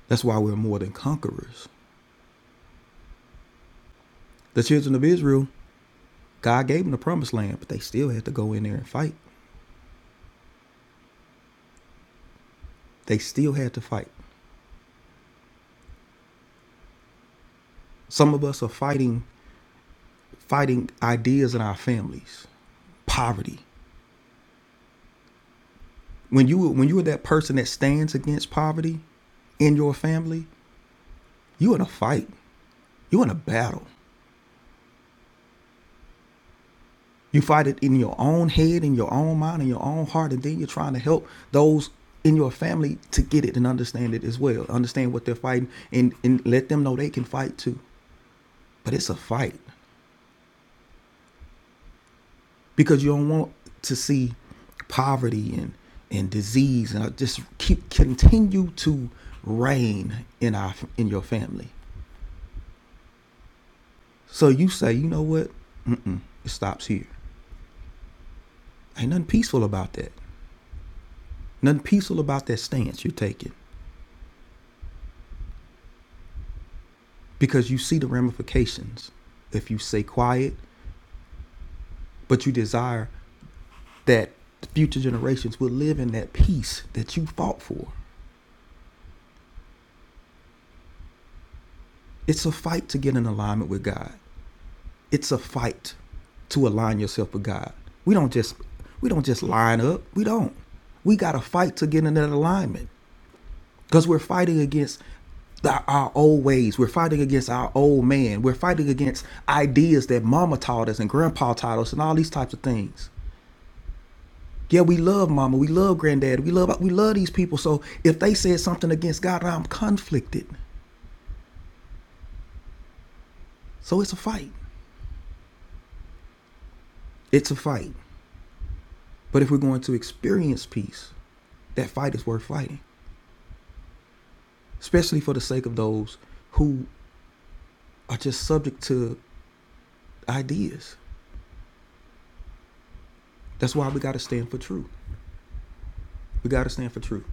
S2: That's why we're more than conquerors. The children of Israel, God gave them the promised land, but they still had to go in there and fight. They still had to fight. Some of us are fighting fighting ideas in our families. Poverty. When you when you are that person that stands against poverty in your family, you in a fight. You in a battle. You fight it in your own head, in your own mind, in your own heart, and then you're trying to help those in your family to get it and understand it as well. Understand what they're fighting and, and let them know they can fight too. But it's a fight because you don't want to see poverty and, and disease and uh, just keep continue to reign in our in your family. So you say, you know what? Mm-mm, it stops here. Ain't nothing peaceful about that. Nothing peaceful about that stance you're taking. because you see the ramifications if you stay quiet, but you desire that future generations will live in that peace that you fought for. It's a fight to get in alignment with God. It's a fight to align yourself with God. We don't just we don't just line up. We don't. We got to fight to get in that alignment because we're fighting against the, our old ways. We're fighting against our old man. We're fighting against ideas that mama taught us and grandpa taught us and all these types of things. Yeah, we love mama, we love granddad, we love we love these people. So if they said something against God, I'm conflicted. So it's a fight. It's a fight. But if we're going to experience peace, that fight is worth fighting, especially for the sake of those who are just subject to ideas. That's why we got to stand for truth. We got to stand for truth.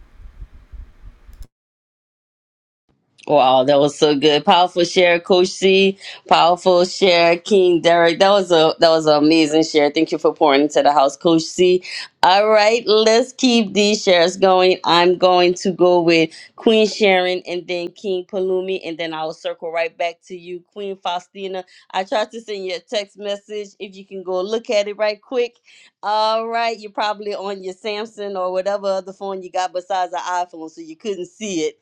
S1: Wow, that was so good. Powerful share, Coach C. Powerful share, King Derek. That was a that was an amazing share. Thank you for pouring into the house, Coach C. All right, let's keep these shares going. I'm going to go with Queen Sharon and then King Palumi, and then I'll circle right back to you, Queen Faustina. I tried to send you a text message. If you can go look at it right quick. All right, you're probably on your Samsung or whatever other phone you got besides the iPhone, so you couldn't see it.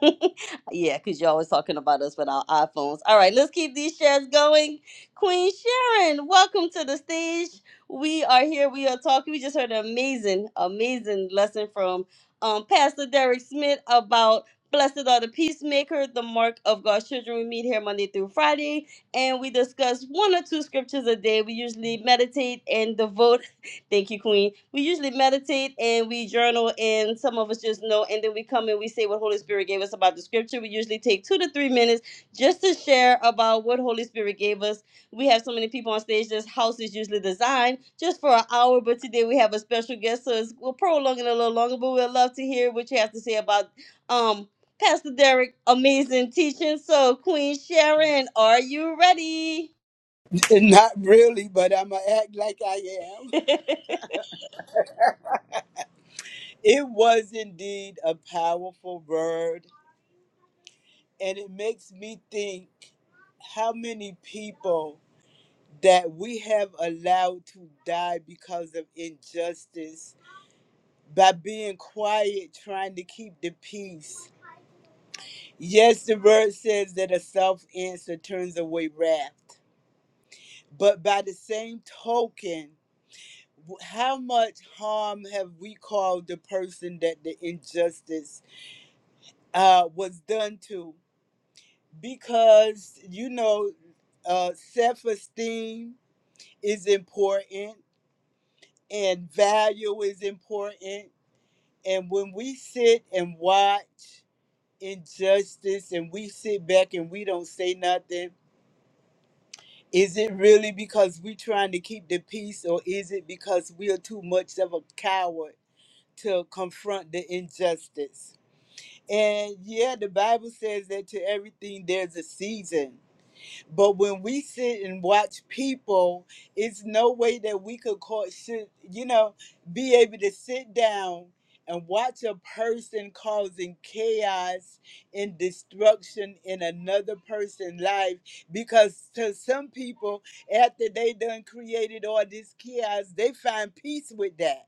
S1: yeah, because you're always talking about us with our iPhones. All right, let's keep these shares going. Queen Sharon, welcome to the stage. We are here. We are talking. We just heard an amazing, amazing lesson from um, Pastor Derek Smith about blessed are the peacemaker, the mark of God's children. We meet here Monday through Friday, and we discuss one or two scriptures a day. We usually meditate and devote Thank you, Queen. We usually meditate and we journal, and some of us just know, and then we come and we say what Holy Spirit gave us about the scripture. We usually take two to three minutes just to share about what Holy Spirit gave us. We have so many people on stage. This house is usually designed just for an hour, but today we have a special guest, so it's, we'll prolong it a little longer. But we'd love to hear what you have to say about um, Pastor Derek' amazing teaching. So, Queen Sharon, are you ready?
S9: Not really, but I'm going to act like I am. It was indeed a powerful word, and it makes me think how many people that we have allowed to die because of injustice by being quiet, trying to keep the peace. Yes, the word says that a soft answer turns away wrath, but by the same token, how much harm have we caused the person that the injustice uh, was done to? Because you know, uh, self-esteem is important, and value is important. And when we sit and watch injustice, and we sit back and we don't say nothing. Is it really because we're trying to keep the peace, or is it because we are too much of a coward to confront the injustice? And yeah, the Bible says that to everything there's a season. But when we sit and watch people, it's no way that we could call should, you know, be able to sit down and watch a person causing chaos and destruction in another person's life because to some people after they done created all this chaos they find peace with that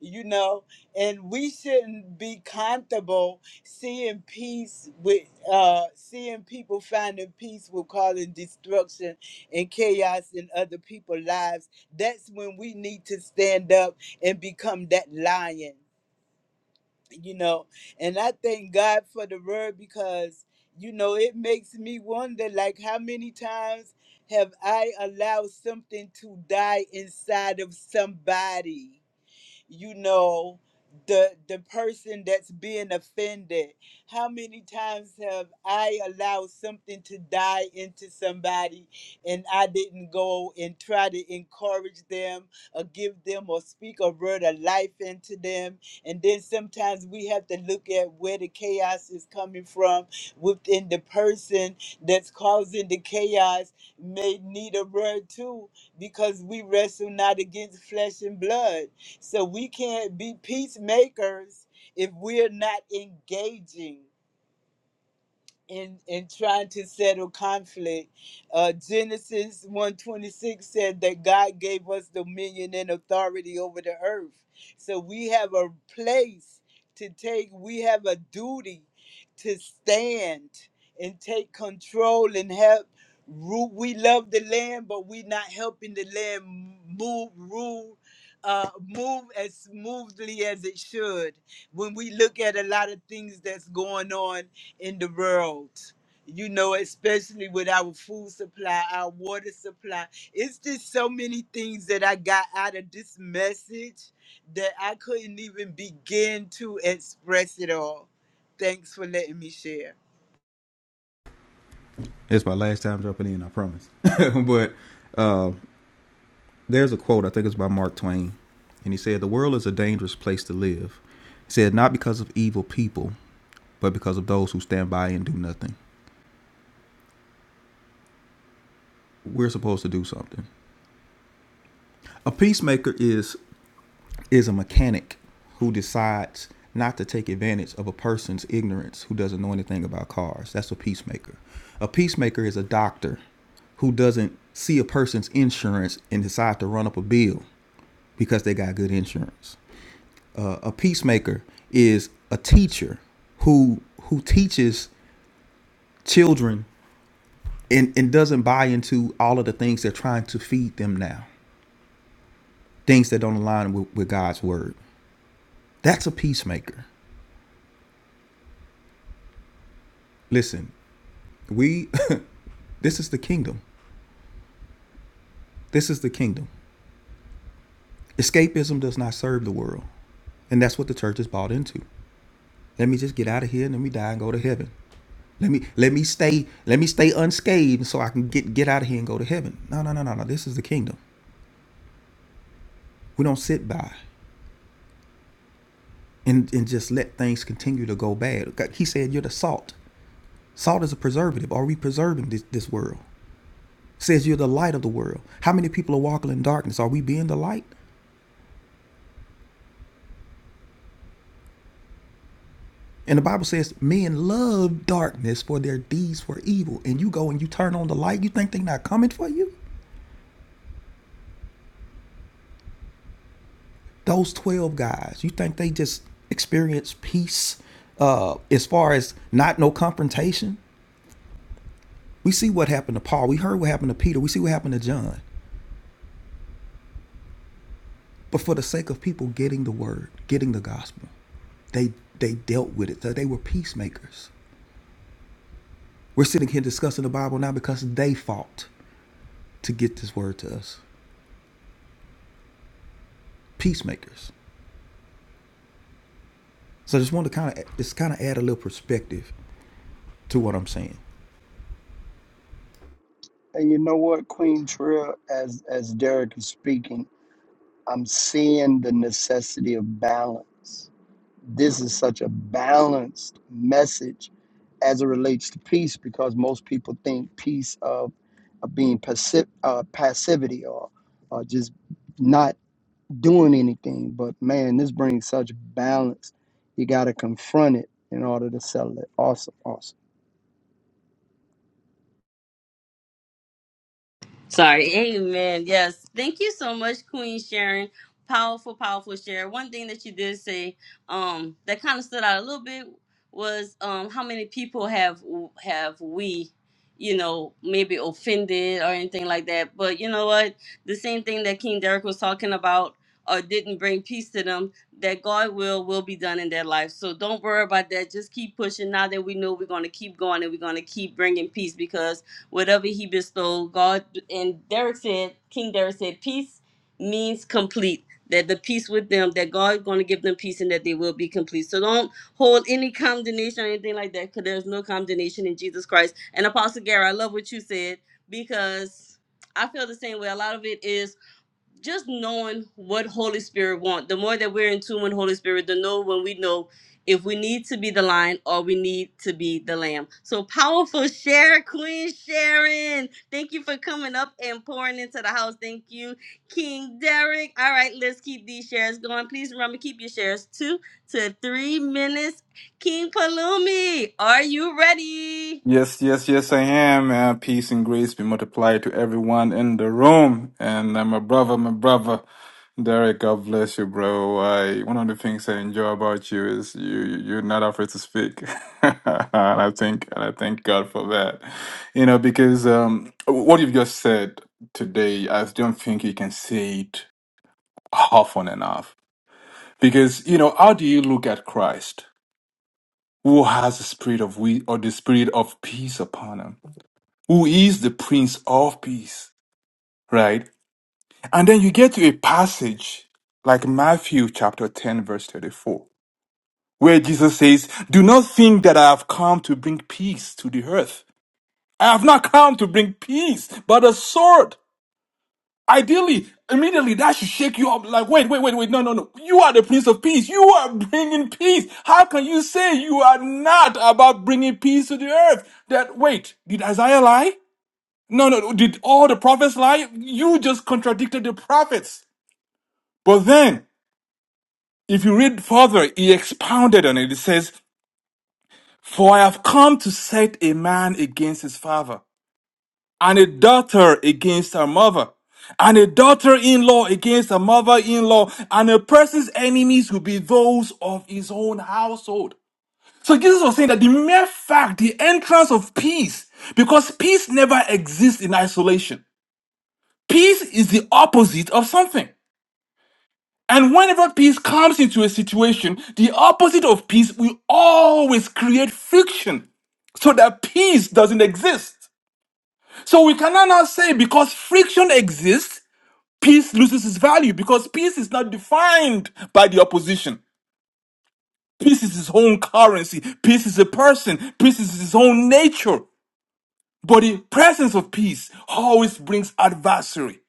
S9: you know, and we shouldn't be comfortable seeing peace with uh seeing people finding peace with causing destruction and chaos in other people's lives. That's when we need to stand up and become that lion, you know. And I thank God for the word because you know it makes me wonder like how many times have I allowed something to die inside of somebody? you know the the person that's being offended how many times have i allowed something to die into somebody and i didn't go and try to encourage them or give them or speak a word of life into them and then sometimes we have to look at where the chaos is coming from within the person that's causing the chaos may need a word too because we wrestle not against flesh and blood so we can't be peacemakers if we're not engaging in in trying to settle conflict. Uh, Genesis one twenty six said that God gave us dominion and authority over the earth, so we have a place to take. We have a duty to stand and take control and help. Rule. We love the land, but we're not helping the land move, rule, uh, move as smoothly as it should. When we look at a lot of things that's going on in the world. You know, especially with our food supply, our water supply. It's just so many things that I got out of this message that I couldn't even begin to express it all. Thanks for letting me share.
S2: It's my last time jumping in, I promise. but uh, there's a quote, I think it's by Mark Twain, and he said, The world is a dangerous place to live. He said, Not because of evil people, but because of those who stand by and do nothing. We're supposed to do something. A peacemaker is is a mechanic who decides not to take advantage of a person's ignorance who doesn't know anything about cars. That's a peacemaker. A peacemaker is a doctor who doesn't see a person's insurance and decide to run up a bill because they got good insurance. Uh, a peacemaker is a teacher who who teaches children and, and doesn't buy into all of the things they're trying to feed them now. things that don't align with, with God's word. That's a peacemaker. Listen, we this is the kingdom. This is the kingdom. Escapism does not serve the world. And that's what the church is bought into. Let me just get out of here and let me die and go to heaven. Let me let me stay let me stay unscathed so I can get get out of here and go to heaven. No, no, no, no, no. This is the kingdom. We don't sit by and, and just let things continue to go bad. He said you're the salt. Salt is a preservative. Are we preserving this, this world? says you're the light of the world. How many people are walking in darkness? Are we being the light? And the Bible says men love darkness for their deeds were evil. And you go and you turn on the light, you think they're not coming for you? Those 12 guys, you think they just experience peace uh, as far as not no confrontation? We see what happened to Paul. We heard what happened to Peter. We see what happened to John. But for the sake of people getting the word, getting the gospel, they they dealt with it. They were peacemakers. We're sitting here discussing the Bible now because they fought. to get this word to us. Peacemakers. So I just wanted to kind of just kind of add a little perspective to what I'm saying.
S4: And you know what, Queen Trill, as as Derek is speaking, I'm seeing the necessity of balance This is such a balanced message as it relates to peace because most people think peace of, of being passive, uh, passivity or, or just not doing anything. But man, this brings such balance. You got to confront it in order to settle it. Awesome, awesome.
S1: Sorry. Amen. Yes. Thank you so much, Queen Sharon. Powerful, powerful share. One thing that you did say um, that kind of stood out a little bit was um, how many people have have we, you know, maybe offended or anything like that. But you know what? The same thing that King Derek was talking about or didn't bring peace to them, that God will will be done in their life. So don't worry about that. Just keep pushing. Now that we know we're going to keep going and we're going to keep bringing peace because whatever he bestowed, God and Derek said, King Derek said, peace means complete. That the peace with them, that God is going to give them peace and that they will be complete. So don't hold any condemnation or anything like that, because there's no condemnation in Jesus Christ. And Apostle Gary, I love what you said because I feel the same way. A lot of it is just knowing what Holy Spirit want. The more that we're in tune with Holy Spirit, the know when we know if we need to be the lion or we need to be the lamb. So powerful share, Queen Sharon. Thank you for coming up and pouring into the house. Thank you, King Derek. All right, let's keep these shares going. Please remember keep your shares two to three minutes. King Palumi, are you ready?
S10: Yes, yes, yes, I am. Uh, peace and grace be multiplied to everyone in the room. And uh, my brother, my brother, Derek, God bless you, bro. I, one of the things I enjoy about you is you, you- are not afraid to speak. and I think, and I thank God for that. You know, because um, what you've just said today, I don't think you can say it often enough. Because, you know, how do you look at Christ who has the spirit of we or the spirit of peace upon him? who is the Prince of Peace, right? And then you get to a passage like Matthew chapter 10, verse 34, where Jesus says, Do not think that I have come to bring peace to the earth. I have not come to bring peace, but a sword. Ideally, immediately that should shake you up like, wait, wait, wait, wait, no, no, no. You are the Prince of Peace. You are bringing peace. How can you say you are not about bringing peace to the earth? That, wait, did Isaiah lie? No, no, did all the prophets lie? You just contradicted the prophets. But then, if you read further, he expounded on it. It says, For I have come to set a man against his father, and a daughter against her mother, and a daughter in law against her mother in law, and a person's enemies will be those of his own household. So Jesus was saying that the mere fact, the entrance of peace, because peace never exists in isolation. Peace is the opposite of something. And whenever peace comes into a situation, the opposite of peace will always create friction so that peace doesn't exist. So we cannot now say because friction exists, peace loses its value because peace is not defined by the opposition. Peace is its own currency. Peace is a person. Peace is its own nature. But the presence of peace always brings adversary.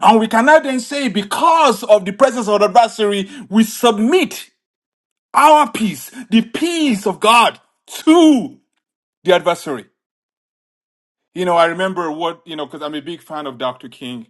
S10: And we cannot then say because of the presence of adversary, we submit Our peace, the peace of God to the adversary. You know, I remember what, you know, because I'm a big fan of Dr. King.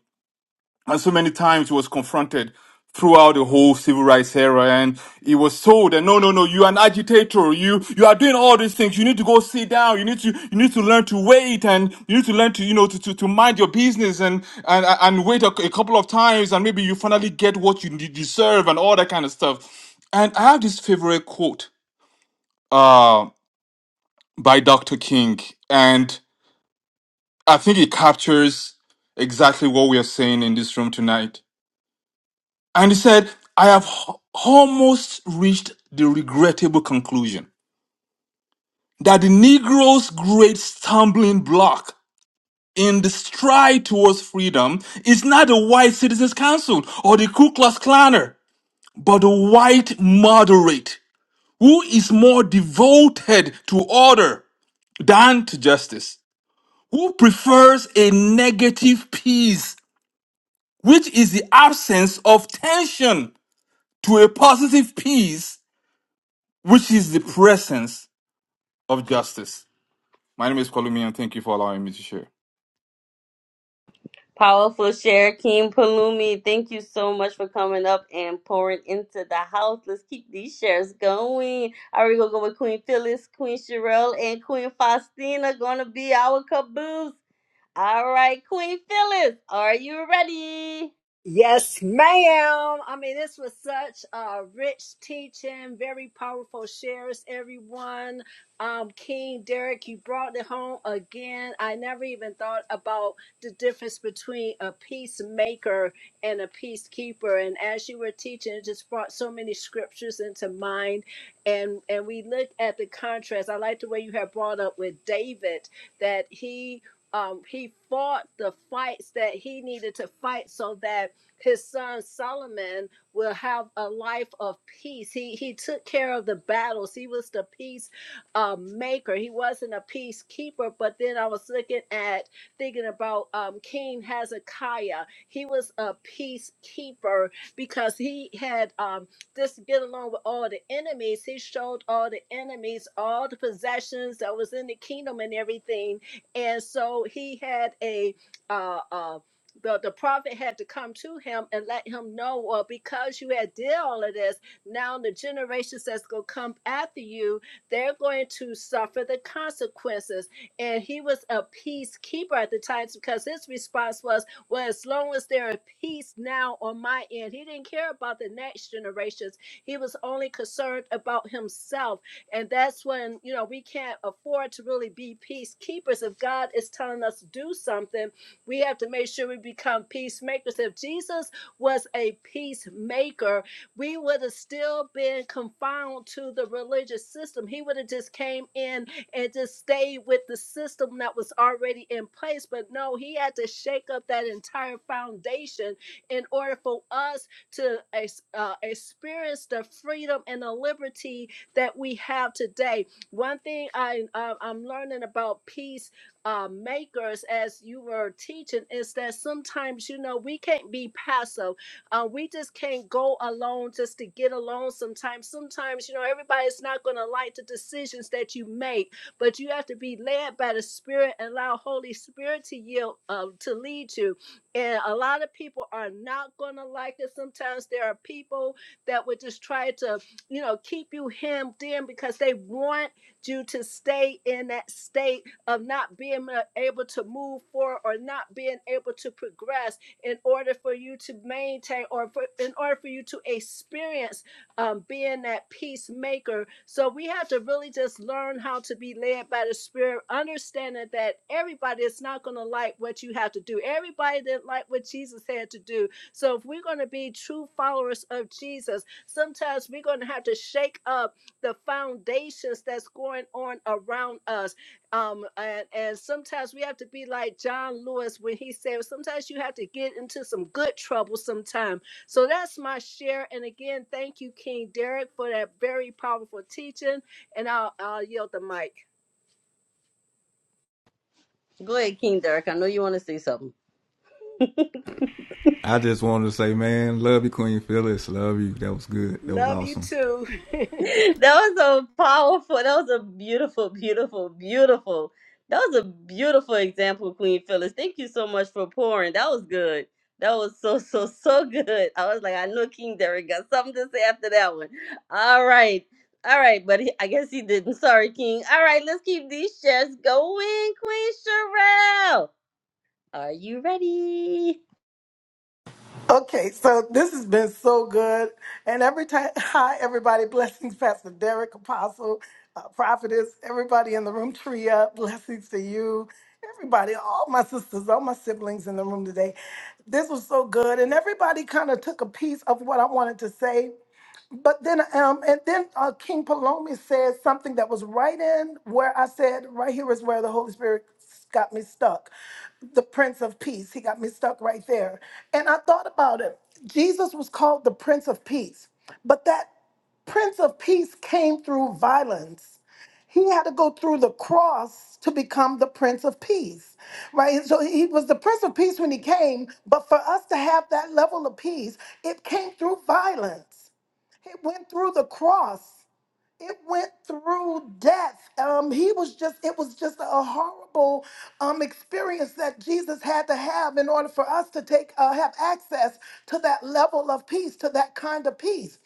S10: And so many times he was confronted throughout the whole civil rights era and he was told that no no no you're an agitator you you are doing all these things you need to go sit down you need to you need to learn to wait and you need to learn to you know to, to, to mind your business and and and wait a, a couple of times and maybe you finally get what you de- deserve and all that kind of stuff and i have this favorite quote Um, by Dr. King. And I think it captures exactly what we are saying in this room tonight. And he said, I have h- almost reached the regrettable conclusion that the Negro's great stumbling block in the stride towards freedom is not the white citizens council or the Ku Klux Klaner, but the white moderate who is more devoted to order than to justice. who prefers a negative peace, which is the absence of tension, to a positive peace, which is the presence of justice. My name is Columian. Thank you for allowing me to share.
S1: Powerful share, King Palumi. Thank you so much for coming up and pouring into the house. Let's keep these shares going. All right, we're gonna go with Queen Phyllis, Queen Sherelle, and Queen Faustina. Gonna be our caboose. All right, Queen Phyllis, are you ready?
S11: Yes, ma'am. I mean, this was such a rich teaching, very powerful shares, everyone. Um, King Derek, you brought it home again. I never even thought about the difference between a peacemaker and a peacekeeper. And as you were teaching, it just brought so many scriptures into mind. And and we looked at the contrast. I like the way you have brought up with David that he um, he fought the fights that he needed to fight so that his son Solomon will have a life of peace. He he took care of the battles. He was the peace uh, maker. He wasn't a peacekeeper. But then I was looking at thinking about um, King Hezekiah. He was a peacekeeper because he had um, just get along with all the enemies. He showed all the enemies all the possessions that was in the kingdom and everything. And so he had a uh. uh, the, the prophet had to come to him and let him know, well, because you had did all of this, now the generations that's going to come after you, they're going to suffer the consequences. And he was a peacekeeper at the time because his response was, well, as long as there is peace now on my end, he didn't care about the next generations. He was only concerned about himself. And that's when, you know, we can't afford to really be peacekeepers. If God is telling us to do something, we have to make sure we become peacemakers. If Jesus was a peacemaker, we would have still been confined to the religious system. He would have just came in and just stayed with the system that was already in place. But no, he had to shake up that entire foundation in order for us to uh, experience the freedom and the liberty that we have today. One thing I, I I'm learning about peace uh, makers as you were teaching is that sometimes you know we can't be passive uh, we just can't go alone just to get along sometimes sometimes you know everybody's not going to like the decisions that you make but you have to be led by the spirit and allow holy spirit to yield uh, to lead you and a lot of people are not going to like it sometimes there are people that would just try to you know keep you hemmed in because they want you to stay in that state of not being uh, able to move forward or not being able to progress in order for you to maintain or for, in order for you to experience um, being that peacemaker. So we have to really just learn how to be led by the Spirit, understanding that everybody is not going to like what you have to do. Everybody didn't like what Jesus had to do. So if we're going to be true followers of Jesus, sometimes we're going to have to shake up the foundations that's going on around us um, and, and sometimes we have to be like John Lewis when he said, sometimes you have to get into some good trouble sometime. So that's my share. And again, thank you, King Derek, for that very powerful teaching. And I'll, I'll yield the mic.
S1: Go ahead, King Derek. I know you want to say something.
S2: I just wanted to say, man, love you, Queen Phyllis. Love you. That was good. That was
S11: Love you
S2: awesome.
S11: too.
S1: that was so powerful. That was a beautiful, beautiful, beautiful. That was a beautiful example, Queen Phyllis. Thank you so much for pouring. That was good. That was so, so, so good. I was like, I know King Derek got something to say after that one. All right. All right, but he, I guess he didn't. Sorry, King. All right, let's keep these shares going, Queen Sherelle. Are you ready?
S12: Okay, so this has been so good. And every time, hi, everybody, blessings, Pastor Derek, Apostle, uh, Prophetess, everybody in the room, Tria, blessings to you, everybody, all my sisters, all my siblings in the room today. This was so good. And everybody kind of took a piece of what I wanted to say. But then, um, and then uh, King Palomi said something that was right in where I said, right here is where the Holy Spirit got me stuck. The Prince of Peace, he got me stuck right there. And I thought about it. Jesus was called the Prince of Peace, but that Prince of Peace came through violence. He had to go through the cross to become the Prince of Peace, right? So he was the Prince of Peace when he came, but for us to have that level of peace, it came through violence. It went through the cross. It went through death. Um, he was just, it was just a horrible um, experience that Jesus had to have in order for us to take, uh, have access to that level of peace, to that kind of peace.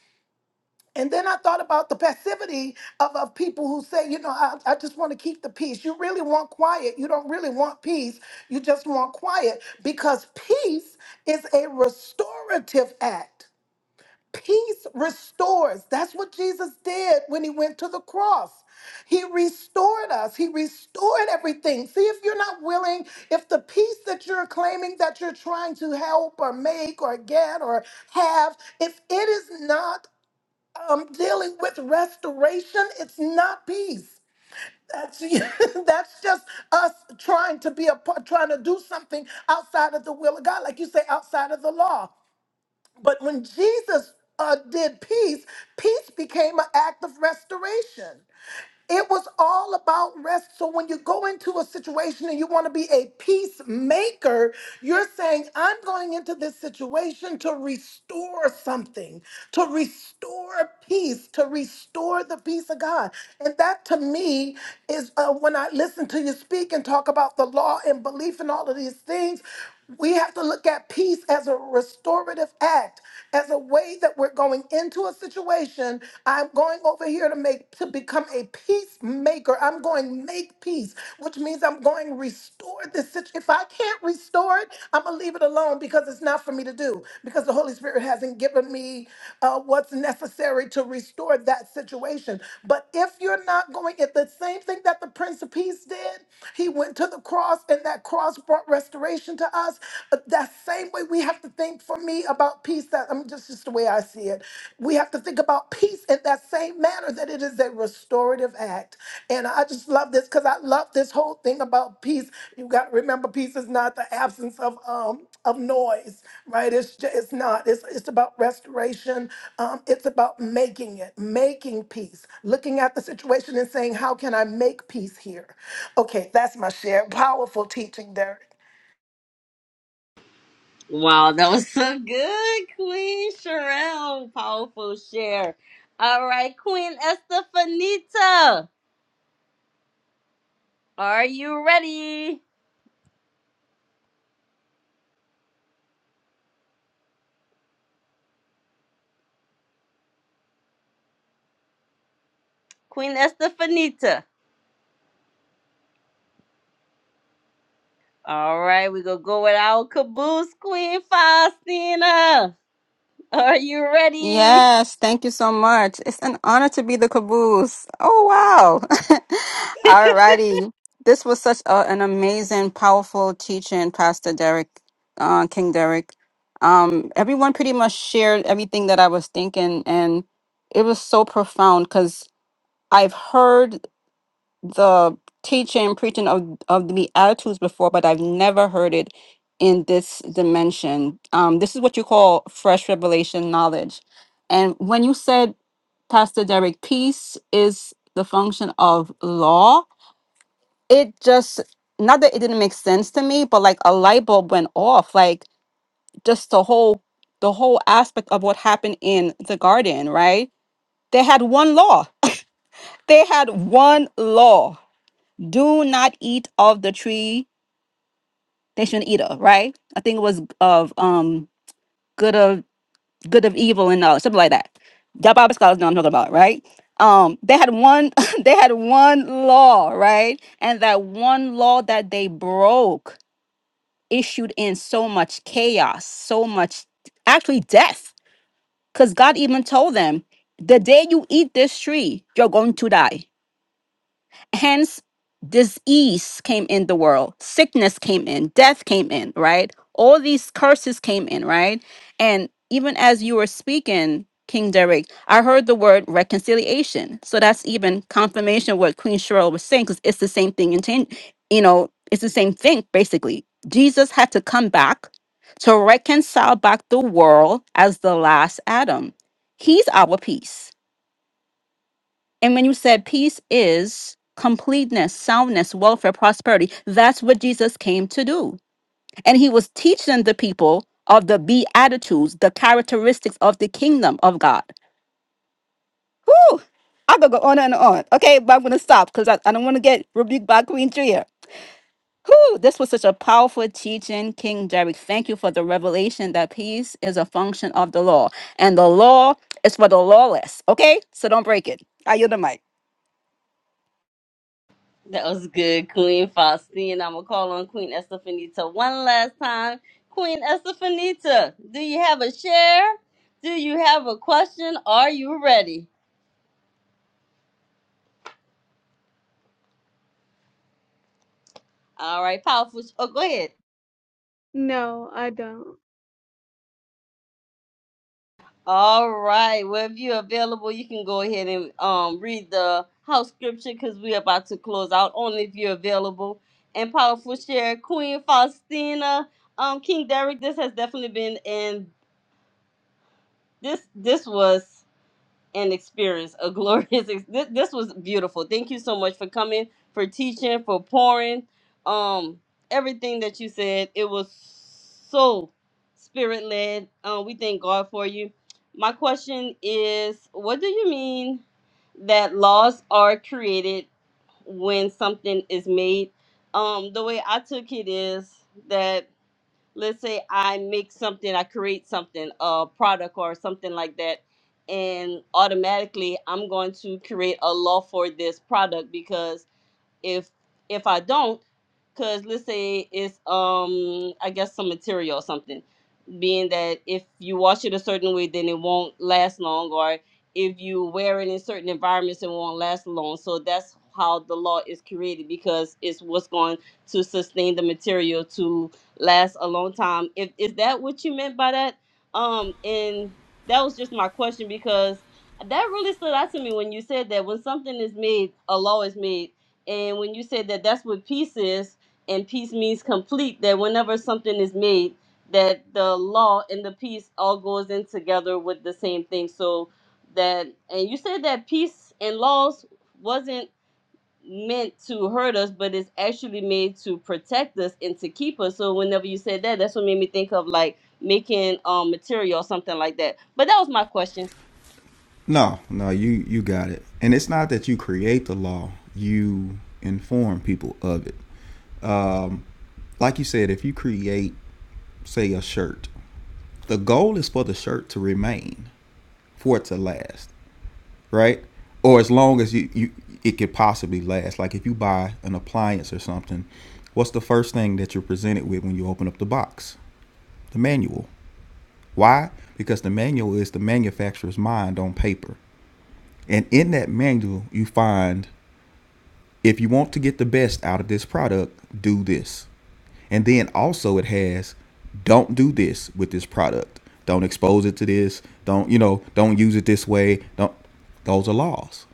S12: And then I thought about the passivity of, of people who say, you know, I, I just want to keep the peace. You really want quiet. You don't really want peace. You just want quiet because peace is a restorative act. Peace restores. That's what Jesus did when he went to the cross. He restored us. He restored everything. See, if you're not willing, if the peace that you're claiming that you're trying to help or make or get or have, if it is not um, dealing with restoration, it's not peace. That's that's just us trying to be a part, trying to do something outside of the will of God, like you say, outside of the law. But when Jesus uh, did peace, peace became an act of restoration. It was all about rest. So when you go into a situation and you want to be a peacemaker, you're saying, I'm going into this situation to restore something, to restore peace, to restore the peace of God. And that to me is uh, when I listen to you speak and talk about the law and belief and all of these things, we have to look at peace as a restorative act, as a way that we're going going into a situation. I'm going over here to make to become a peacemaker. I'm going make peace, which means I'm going restore this situation. If I can't restore it, I'm gonna leave it alone because it's not for me to do. Because the Holy Spirit hasn't given me uh, what's necessary to restore that situation. But if you're not going, if the same thing that the Prince of Peace did, he went to the cross, and that cross brought restoration to us. Uh, That same way we have to think for me about peace. That I'm just just the way I see it. We have to think about peace in that same manner that it is a restorative act. And I just love this because I love this whole thing about peace. You got to remember, peace is not the absence of um of noise, right? It's ju- it's not. It's it's about restoration. Um, it's about making it, making peace, looking at the situation and saying, how can I make peace here? Okay, that's my share. Powerful teaching there.
S1: Wow, that was so good, Queen Sherelle. Powerful share. All right, Queen Estefanita. Are you ready? Queen Estefanita. All right, we're going to go with our caboose, Queen Faustina. Are you ready?
S13: Yes, thank you so much. It's an honor to be the caboose. Oh, wow. Alrighty. This was such a, an amazing, powerful teaching, Pastor Derek, uh, King Derek. Um, everyone pretty much shared everything that I was thinking, and it was so profound because I've heard the teaching and preaching of, of the attitudes before, but I've never heard it in this dimension. Um, this is what you call fresh revelation knowledge. And when you said, Pastor Derek, peace is the function of law, it just, not that it didn't make sense to me, but like a light bulb went off, like just the whole, the whole aspect of what happened in the garden, right? They had one law. They had one law do not eat of the tree they shouldn't eat of, right? I think it was of um good of good of evil and uh, something like that. Y'all Bible scholars know what I'm talking about, right? Um, they had one they had one law, right? And that one law that they broke issued in so much chaos, so much actually death. Because God even told them, the day you eat this tree, you're going to die Hence, disease came in the world, sickness came in, death came in, right? All these curses came in, right? And even as you were speaking, King Derek, I heard the word reconciliation. So that's even confirmation of what Queen Cheryl was saying, because it's the same thing in change, you know, it's the same thing basically. Jesus had to come back to reconcile back the world as the last Adam. He's our peace and when you said peace is completeness, soundness, welfare, prosperity, that's what Jesus came to do. And he was teaching the people of the beatitudes, the characteristics of the kingdom of God. Whew! I could go on and on. Okay, but I'm going to stop because I, I don't want to get rebuked by Queen Tria. Whew, this was such a powerful teaching, King Derek. Thank you for the revelation that peace is a function of the law. And the law is for the lawless. Okay? So don't break it. I yield the mic.
S1: That was good, Queen Faustina. I'm going to call on Queen Estefanita one last time. Queen Estefanita, do you have a share? Do you have a question? Are you ready? All right, powerful. Oh, go ahead.
S7: No, I don't.
S1: All right. Well, if you're available, you can go ahead and um read the house scripture because we're about to close out. Only if you're available. And powerful share, Queen Faustina, um, King Derek. This has definitely been and this this was and experience a glorious ex- this, this was beautiful thank you so much for coming for teaching for pouring um everything that you said it was so spirit led um we thank god for you my question is what do you mean that laws are created when something is made um the way i took it is that let's say I make something, I create something, a product or something like that, and automatically I'm going to create a law for this product because if if I don't, because let's say it's um I guess some material or something being that if you wash it a certain way, then it won't last long, or if you wear it in certain environments, it won't last long. So that's how the law is created because it's what's going to sustain the material to last a long time. If is that what you meant by that? Um, and that was just my question because that really stood out to me when you said that when something is made, a law is made, and when you said that that's what peace is, and peace means complete. That whenever something is made that the law and the peace all goes in together with the same thing so that and you said that peace and laws wasn't meant to hurt us but it's actually made to protect us and to keep us so whenever you said that that's what made me think of like making um material or something like that but that was my question
S2: No, no, you you got it. And it's not that you create the law; you inform people of it. Um, like you said, if you create, say, a shirt, the goal is for the shirt to remain, for it to last. right? Or as long as you, you it could possibly last. Like if you buy an appliance or something, what's the first thing that you're presented with when you open up the box? The manual. Why? Because the manual is the manufacturer's mind on paper. And in that manual, you find if you want to get the best out of this product, do this. And then also it has don't do this with this product. Don't expose it to this. Don't, you know, don't use it this way. Don't those are laws.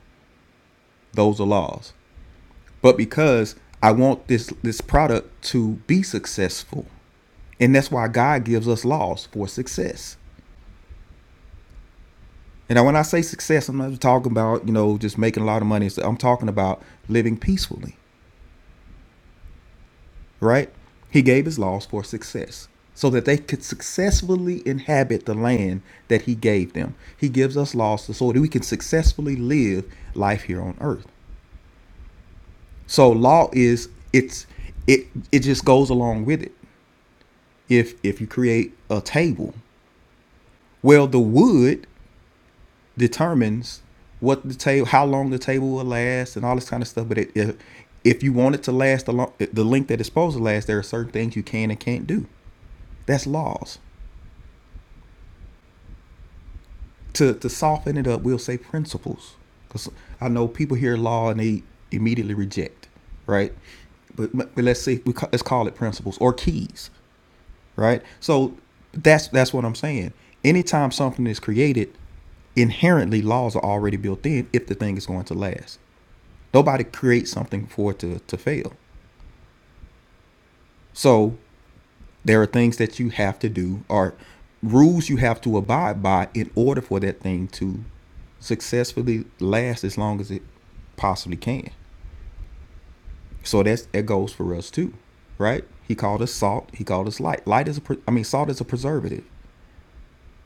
S2: Those are laws. but because I want this this product to be successful. And that's why God gives us laws for success. And when I say success, I'm not talking about, you know, just making a lot of money. I'm talking about living peacefully, right? He gave his laws for success so that they could successfully inhabit the land that he gave them. He gives us laws so that we can successfully live life here on earth. So law is it's it it just goes along with it. If if you create a table Well, the wood determines what the table, how long the table will last, and all this kind of stuff. But it, if if you want it to last the long, the length that it's supposed to last, there are certain things you can and can't do. That's laws. To to soften it up, we'll say principles. Because I know people hear law and they immediately reject, right? But, but let's see, we ca- let's call it principles or keys. right? So that's that's what I'm saying. Anytime something is created, inherently laws are already built in if the thing is going to last. Nobody creates something for it to, to fail. So there are things that you have to do or rules you have to abide by in order for that thing to successfully last as long as it possibly can. So that's that goes for us too, right? He called us salt. He called us light. Light is a I mean salt is a preservative.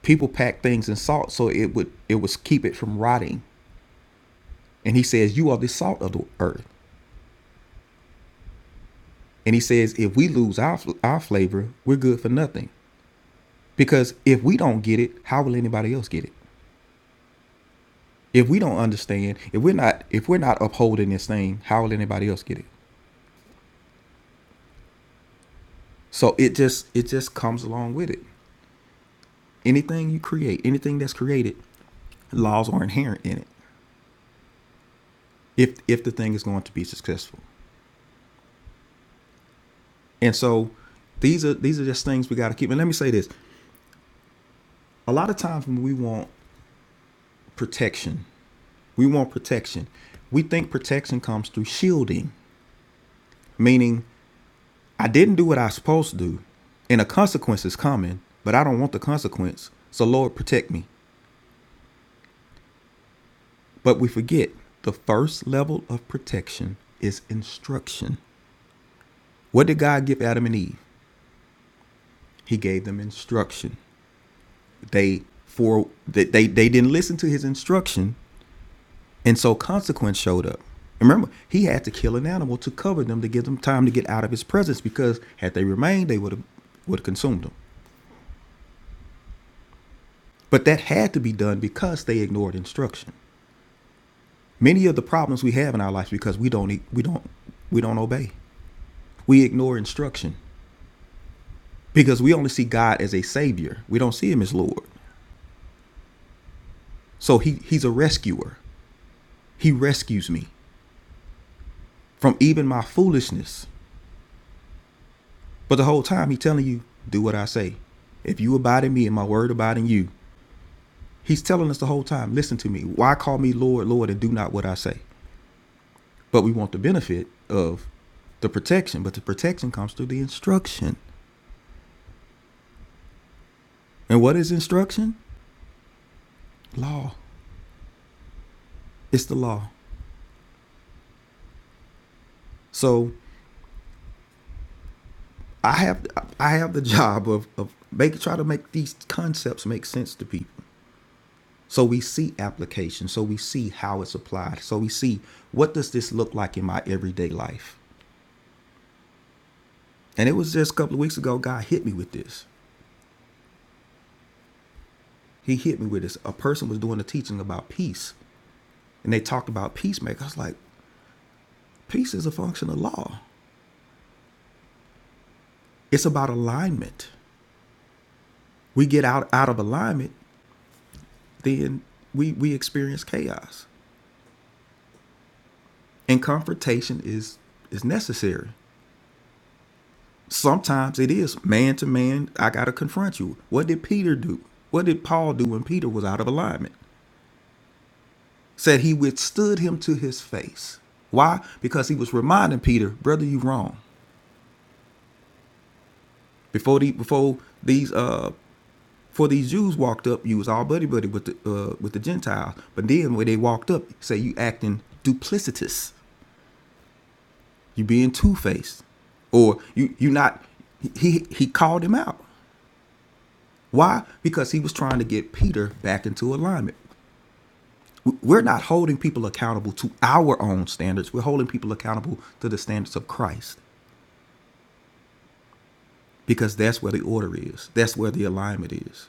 S2: people pack things in salt so it would it was keep it from rotting. And he says, "You are the salt of the earth." And he says, "If we lose our our flavor, we're good for nothing." Because if we don't get it, how will anybody else get it? If we don't understand, if we're not if we're not upholding this thing, how will anybody else get it? So it just it just comes along with it. Anything you create, anything that's created, laws are inherent in it. If if the thing is going to be successful. And so these are these are just things we got to keep. And let me say this: a lot of times when we want protection, we want protection. We think protection comes through shielding, meaning I didn't do what I was supposed to do, and a consequence is coming, but I don't want the consequence. So, Lord, protect me. But we forget the first level of protection is instruction. What did God give Adam and Eve? He gave them instruction. They for that they, they didn't listen to his instruction, And so Consequence showed up. Remember, he had to kill an animal to cover them to give them time to get out of his presence because had they remained, they would have would have consumed them. But that had to be done because they ignored instruction. Many of the problems we have in our lives because we don't e, we don't we don't obey. We ignore instruction because we only see God as a savior. We don't see him as Lord. So he he's a rescuer. He rescues me from even my foolishness. But the whole time he's telling you, do what I say. If you abide in me and my word abide in you, He's telling us the whole time, listen to me. Why call me Lord, Lord, and do not what I say? But we want the benefit of the protection, but the protection comes through the instruction. And what is instruction? Law. It's the law. So I have I have the job of of make try to make these concepts make sense to people. So we see application. So we see how it's applied. So we see what does this look like in my everyday life. And it was just a couple of weeks ago, God hit me with this. He hit me with this. A person was doing a teaching about peace, and they talked about peacemaker. I was like, peace is a function of law. It's about alignment. We get out out of alignment, then we we experience chaos. And confrontation is is necessary. Sometimes it is man to man. I gotta confront you. What did Peter do? What did Paul do when Peter was out of alignment? Said he withstood him to his face. Why? Because he was reminding Peter, brother, you wrong. Before the before these uh For these Jews walked up, you was all buddy buddy with the uh, with the Gentiles. But then when they walked up, say you acting duplicitous, you being two faced, or you you not. He he called him out. Why? Because he was trying to get Peter back into alignment. We're not holding people accountable to our own standards. We're holding people accountable to the standards of Christ because that's where the order is. That's where the alignment is.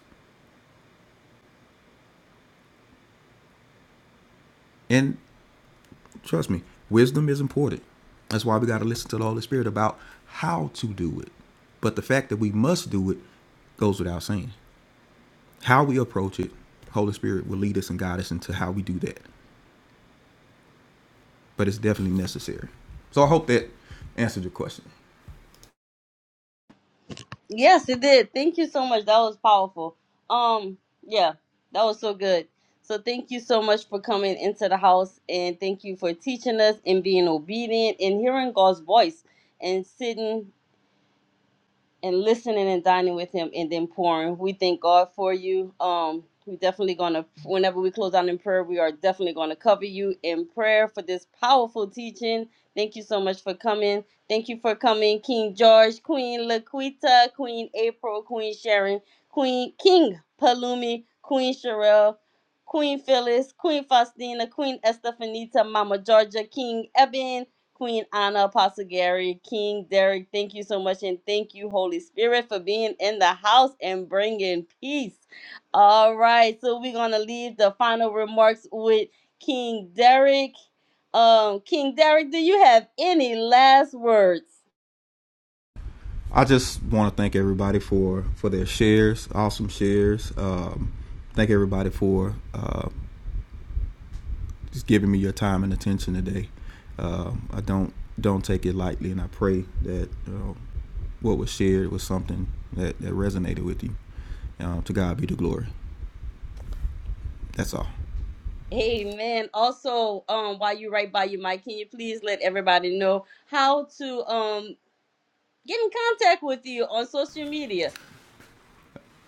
S2: And Trust me, wisdom is important. That's why we got to listen to the Holy Spirit about how to do it. But the fact that we must do it goes without saying. How we approach it, Holy Spirit will lead us and guide us into how we do that. But it's definitely necessary. So I hope that answered your question.
S1: Yes, it did. Thank you so much. That was powerful. Um, yeah, that was so good. So thank you so much for coming into the house and thank you for teaching us and being obedient and hearing God's voice and sitting and listening and dining with him and then pouring. We thank God for you. Um, we definitely gonna whenever we close out in prayer, we are definitely gonna cover you in prayer for this powerful teaching. Thank you so much for coming. Thank you for coming, King George, Queen Laquita, Queen April, Queen Sharon, Queen King Palumi, Queen Sherelle. Queen Phyllis, Queen Faustina, Queen Estefanita, Mama Georgia, King Eben, Queen Anna, Apostle Gary, King Derek, thank you so much. And thank you, Holy Spirit, for being in the house and bringing peace. All right. So we're going to leave the final remarks with King Derek. Um, King Derek, do you have any last words?
S2: I just want to thank everybody for for their shares, awesome shares. Um, thank everybody for uh, just giving me your time and attention today. Um, I don't don't take it lightly, and I pray that you what was shared was something that, that resonated with you. Um, to God be the glory. That's all.
S1: Amen. Also, um, while you're right by your mic, can you please let everybody know how to um get in contact with you on social media?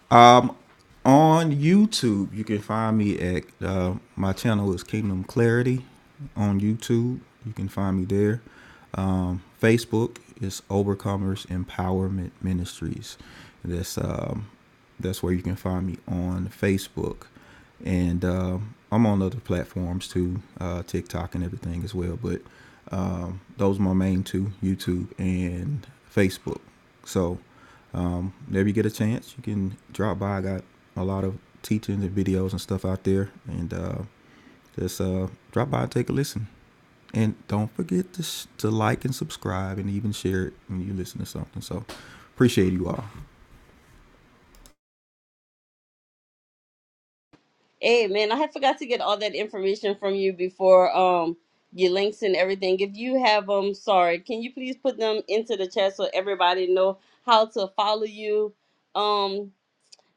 S2: Um, on YouTube, you can find me at uh, my channel is Kingdom Clarity on YouTube. You can find me there. Um, Facebook is Overcomers Empowerment Ministries. That's um, that's where you can find me on Facebook, and um, I'm on other platforms too, uh, TikTok and everything as well. But um, those are my main two: YouTube and Facebook. So um, whenever you get a chance, you can drop by. I got a lot of teachings and videos and stuff out there, and uh, just uh, drop by and take a listen. And don't forget to, sh- to like and subscribe and even share it when you listen to something. So appreciate you all.
S1: Hey man, I had forgot to get all that information from you before um your links and everything. If you have them, sorry, can you please put them into the chat so everybody know how to follow you? Um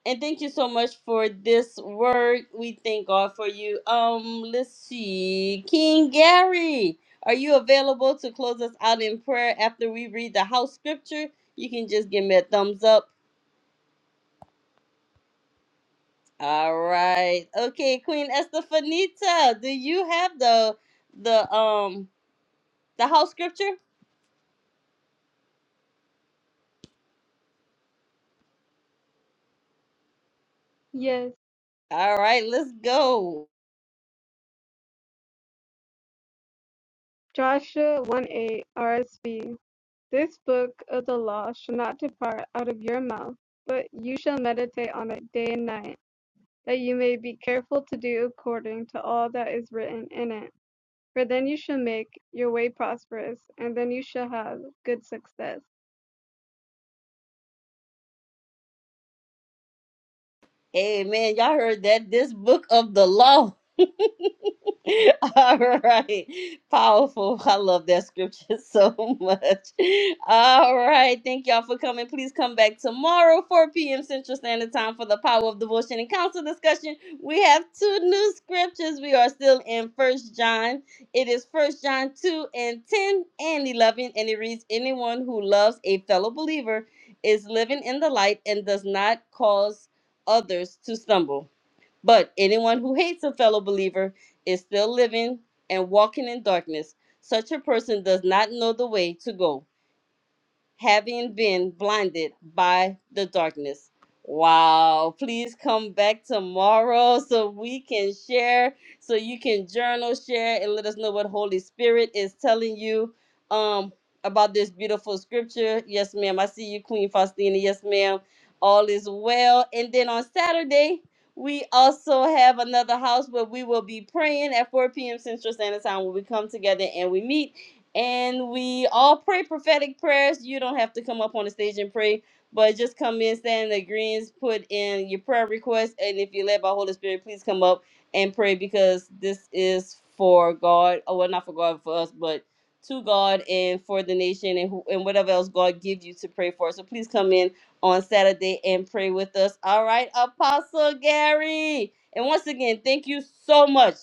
S1: and thank you so much for this word. We thank God for you. Um let's see. King Gary, are you available to close us out in prayer after we read the house scripture? You can just give me a thumbs up All right. Okay, Queen Estefanita, do you have the the um the house scripture?
S7: Yes.
S1: All right, let's go.
S7: Joshua 1 8 RSV. This book of the law shall not depart out of your mouth, but you shall meditate on it day and night, that you may be careful to do according to all that is written in it. For then you shall make your way prosperous, and then you shall have good success.
S1: Amen. Y'all heard that this book of the law All right. Powerful. I love that scripture so much. All right. Thank y'all for coming. Please come back tomorrow, 4 p.m. Central Standard Time for the Power of Devotion and Counsel discussion. We have two new scriptures. We are still in First John. It is First John 2 and 10 and 11. And it reads, Anyone who loves a fellow believer is living in the light and does not cause others to stumble. But anyone who hates a fellow believer is still living and walking in darkness. Such a person does not know the way to go having been blinded by the darkness. Wow. Please come back tomorrow so we can share, so you can journal, share, and let us know what Holy Spirit is telling you um about this beautiful scripture. Yes, ma'am. I see you, Queen Faustina. Yes, ma'am. All is well. And then on Saturday, we also have another house where we will be praying at 4 p.m. Central Standard Time when we come together and we meet and we all pray prophetic prayers. You don't have to come up on the stage and pray, but just come in, stand in the greens, put in your prayer request, and if you're led by Holy Spirit, please come up and pray because this is for God. Oh, well, not for God, for us, but to God and for the nation and who, and whatever else God gives you to pray for. So please come in on Saturday and pray with us. All right, Apostle Gary. And once again, thank you so much.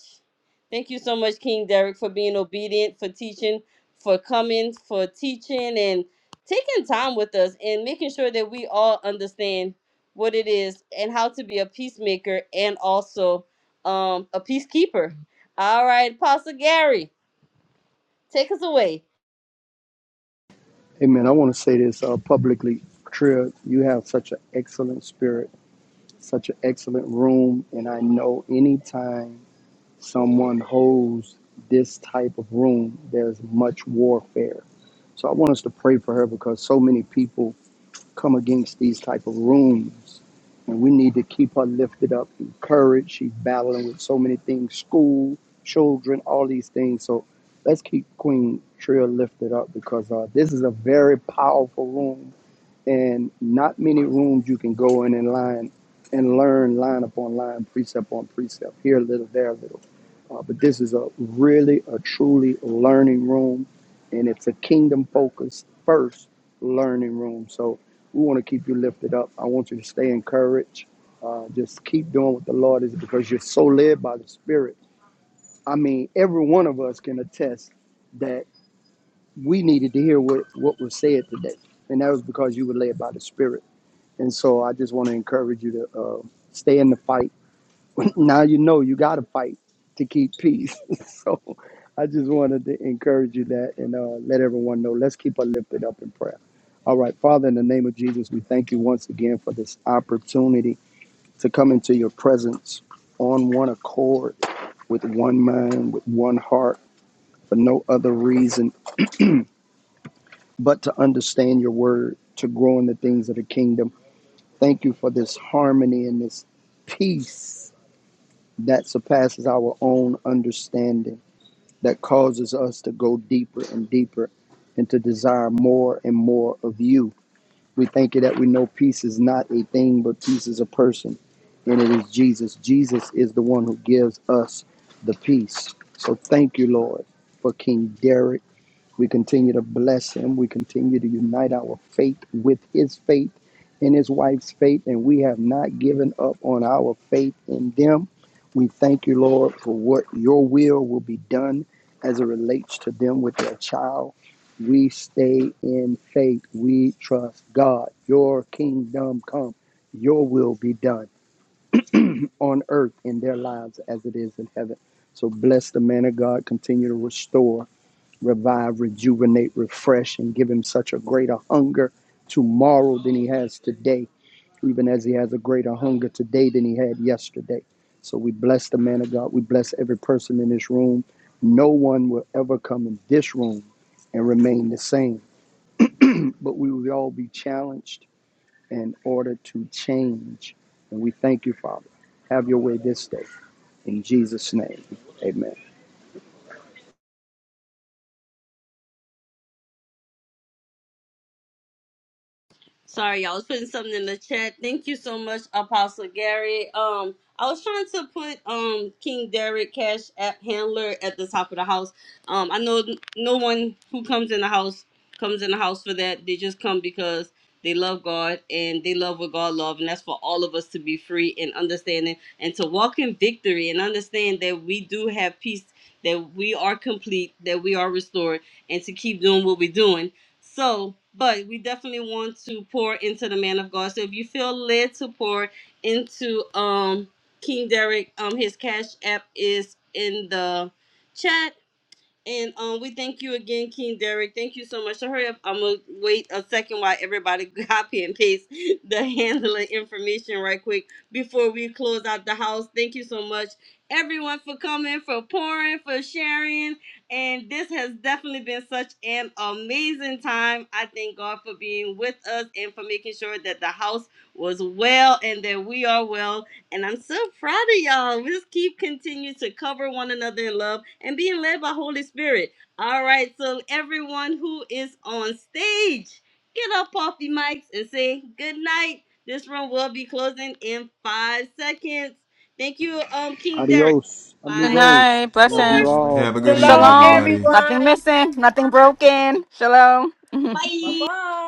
S1: Thank you so much, King Derek, for being obedient, for teaching for coming, for teaching, and taking time with us and making sure that we all understand what it is and how to be a peacemaker and also um, a peacekeeper. All right, Apostle Gary, take us away.
S4: Hey man, I want to say this uh, publicly. Trill, you have such an excellent spirit, such an excellent room, and I know anytime someone holds this type of room, there's much warfare. So I want us to pray for her because so many people come against these type of rooms. And we need to keep her lifted up, encouraged. She's battling with so many things, school, children, all these things. So let's keep Queen Trill lifted up because uh, this is a very powerful room and not many rooms you can go in and line and learn line upon line, precept on precept, here a little, there a little. Uh, but this is a really, a truly learning room, and it's a kingdom focused first learning room. So we want to keep you lifted up. I want you to stay encouraged. Uh, just keep doing what the Lord is because you're so led by the Spirit. I mean, every one of us can attest that we needed to hear what, what was said today, and that was because you were led by the Spirit. And so I just want to encourage you to uh, stay in the fight. now you know you got to fight to keep peace. so I just wanted to encourage you that and uh, let everyone know. Let's keep her lifted up in prayer. All right, Father, in the name of Jesus, we thank you once again for this opportunity to come into your presence on one accord, with one mind, with one heart, for no other reason but to understand your word, to grow in the things of the kingdom Thank you for this harmony and this peace that surpasses our own understanding, that causes us to go deeper and deeper and to desire more and more of you. We thank you that we know peace is not a thing, but peace is a person, and it is Jesus. Jesus is the one who gives us the peace. So thank you, Lord, for King Derek. We continue to bless him. We continue to unite our faith with his faith and his wife's faith. And we have not given up on our faith in them. We thank you, Lord, for what your will will be done as it relates to them with their child. We stay in faith. We trust God. Your kingdom come. Your will be done on earth in their lives as it is in heaven. So bless the man of God. Continue to restore revive, rejuvenate, refresh, and give him such a greater hunger tomorrow than he has today, even as he has a greater hunger today than he had yesterday. So we bless the man of God. We bless every person in this room. No one will ever come in this room and remain the same, but we will all be challenged in order to change. And we thank you, Father. Have your way this day. In Jesus' name, amen.
S1: Sorry, y'all. I was putting something in the chat. Thank you so much, Apostle Gary. Um, I was trying to put um King Derek Cash App Handler at the top of the house. Um, I know no one who comes in the house comes in the house for that. They just come because they love God and they love what God loves, and that's for all of us to be free and understanding and to walk in victory and understand that we do have peace, that we are complete, that we are restored, and to keep doing what we're doing so, but we definitely want to pour into the man of God. So if you feel led to pour into um King Derek, um his cash app is in the chat and um, we thank you again, King Derek. Thank you so much. So hurry up. I'm gonna wait a second while everybody copy and paste the handling information right quick before we close out the house. Thank you so much, everyone, for coming, for pouring, for sharing. And this has definitely been such an amazing time. I thank God for being with us and for making sure that the house was well and that we are well and I'm so proud of y'all. Let's keep continuing to cover one another in love and being led by Holy Spirit. All right, so everyone who is on stage, get up off your mics and say good night. This room will be closing in five seconds. Thank you, um, King Derek.
S4: Adios,
S13: Good
S1: Five,
S4: amigos.
S13: night.
S4: Love
S1: four,
S10: Thank
S4: you
S10: you,
S13: Blessings.
S10: man.
S4: all.
S10: Good
S2: Have a good
S10: night.
S2: evening,
S1: three,
S11: Shalom,
S7: Amen.
S13: Shalom.
S2: everybody.
S13: Nothing
S11: everyone.
S13: missing. Nothing broken. Shalom.
S11: Bye
S1: bye.
S11: bye.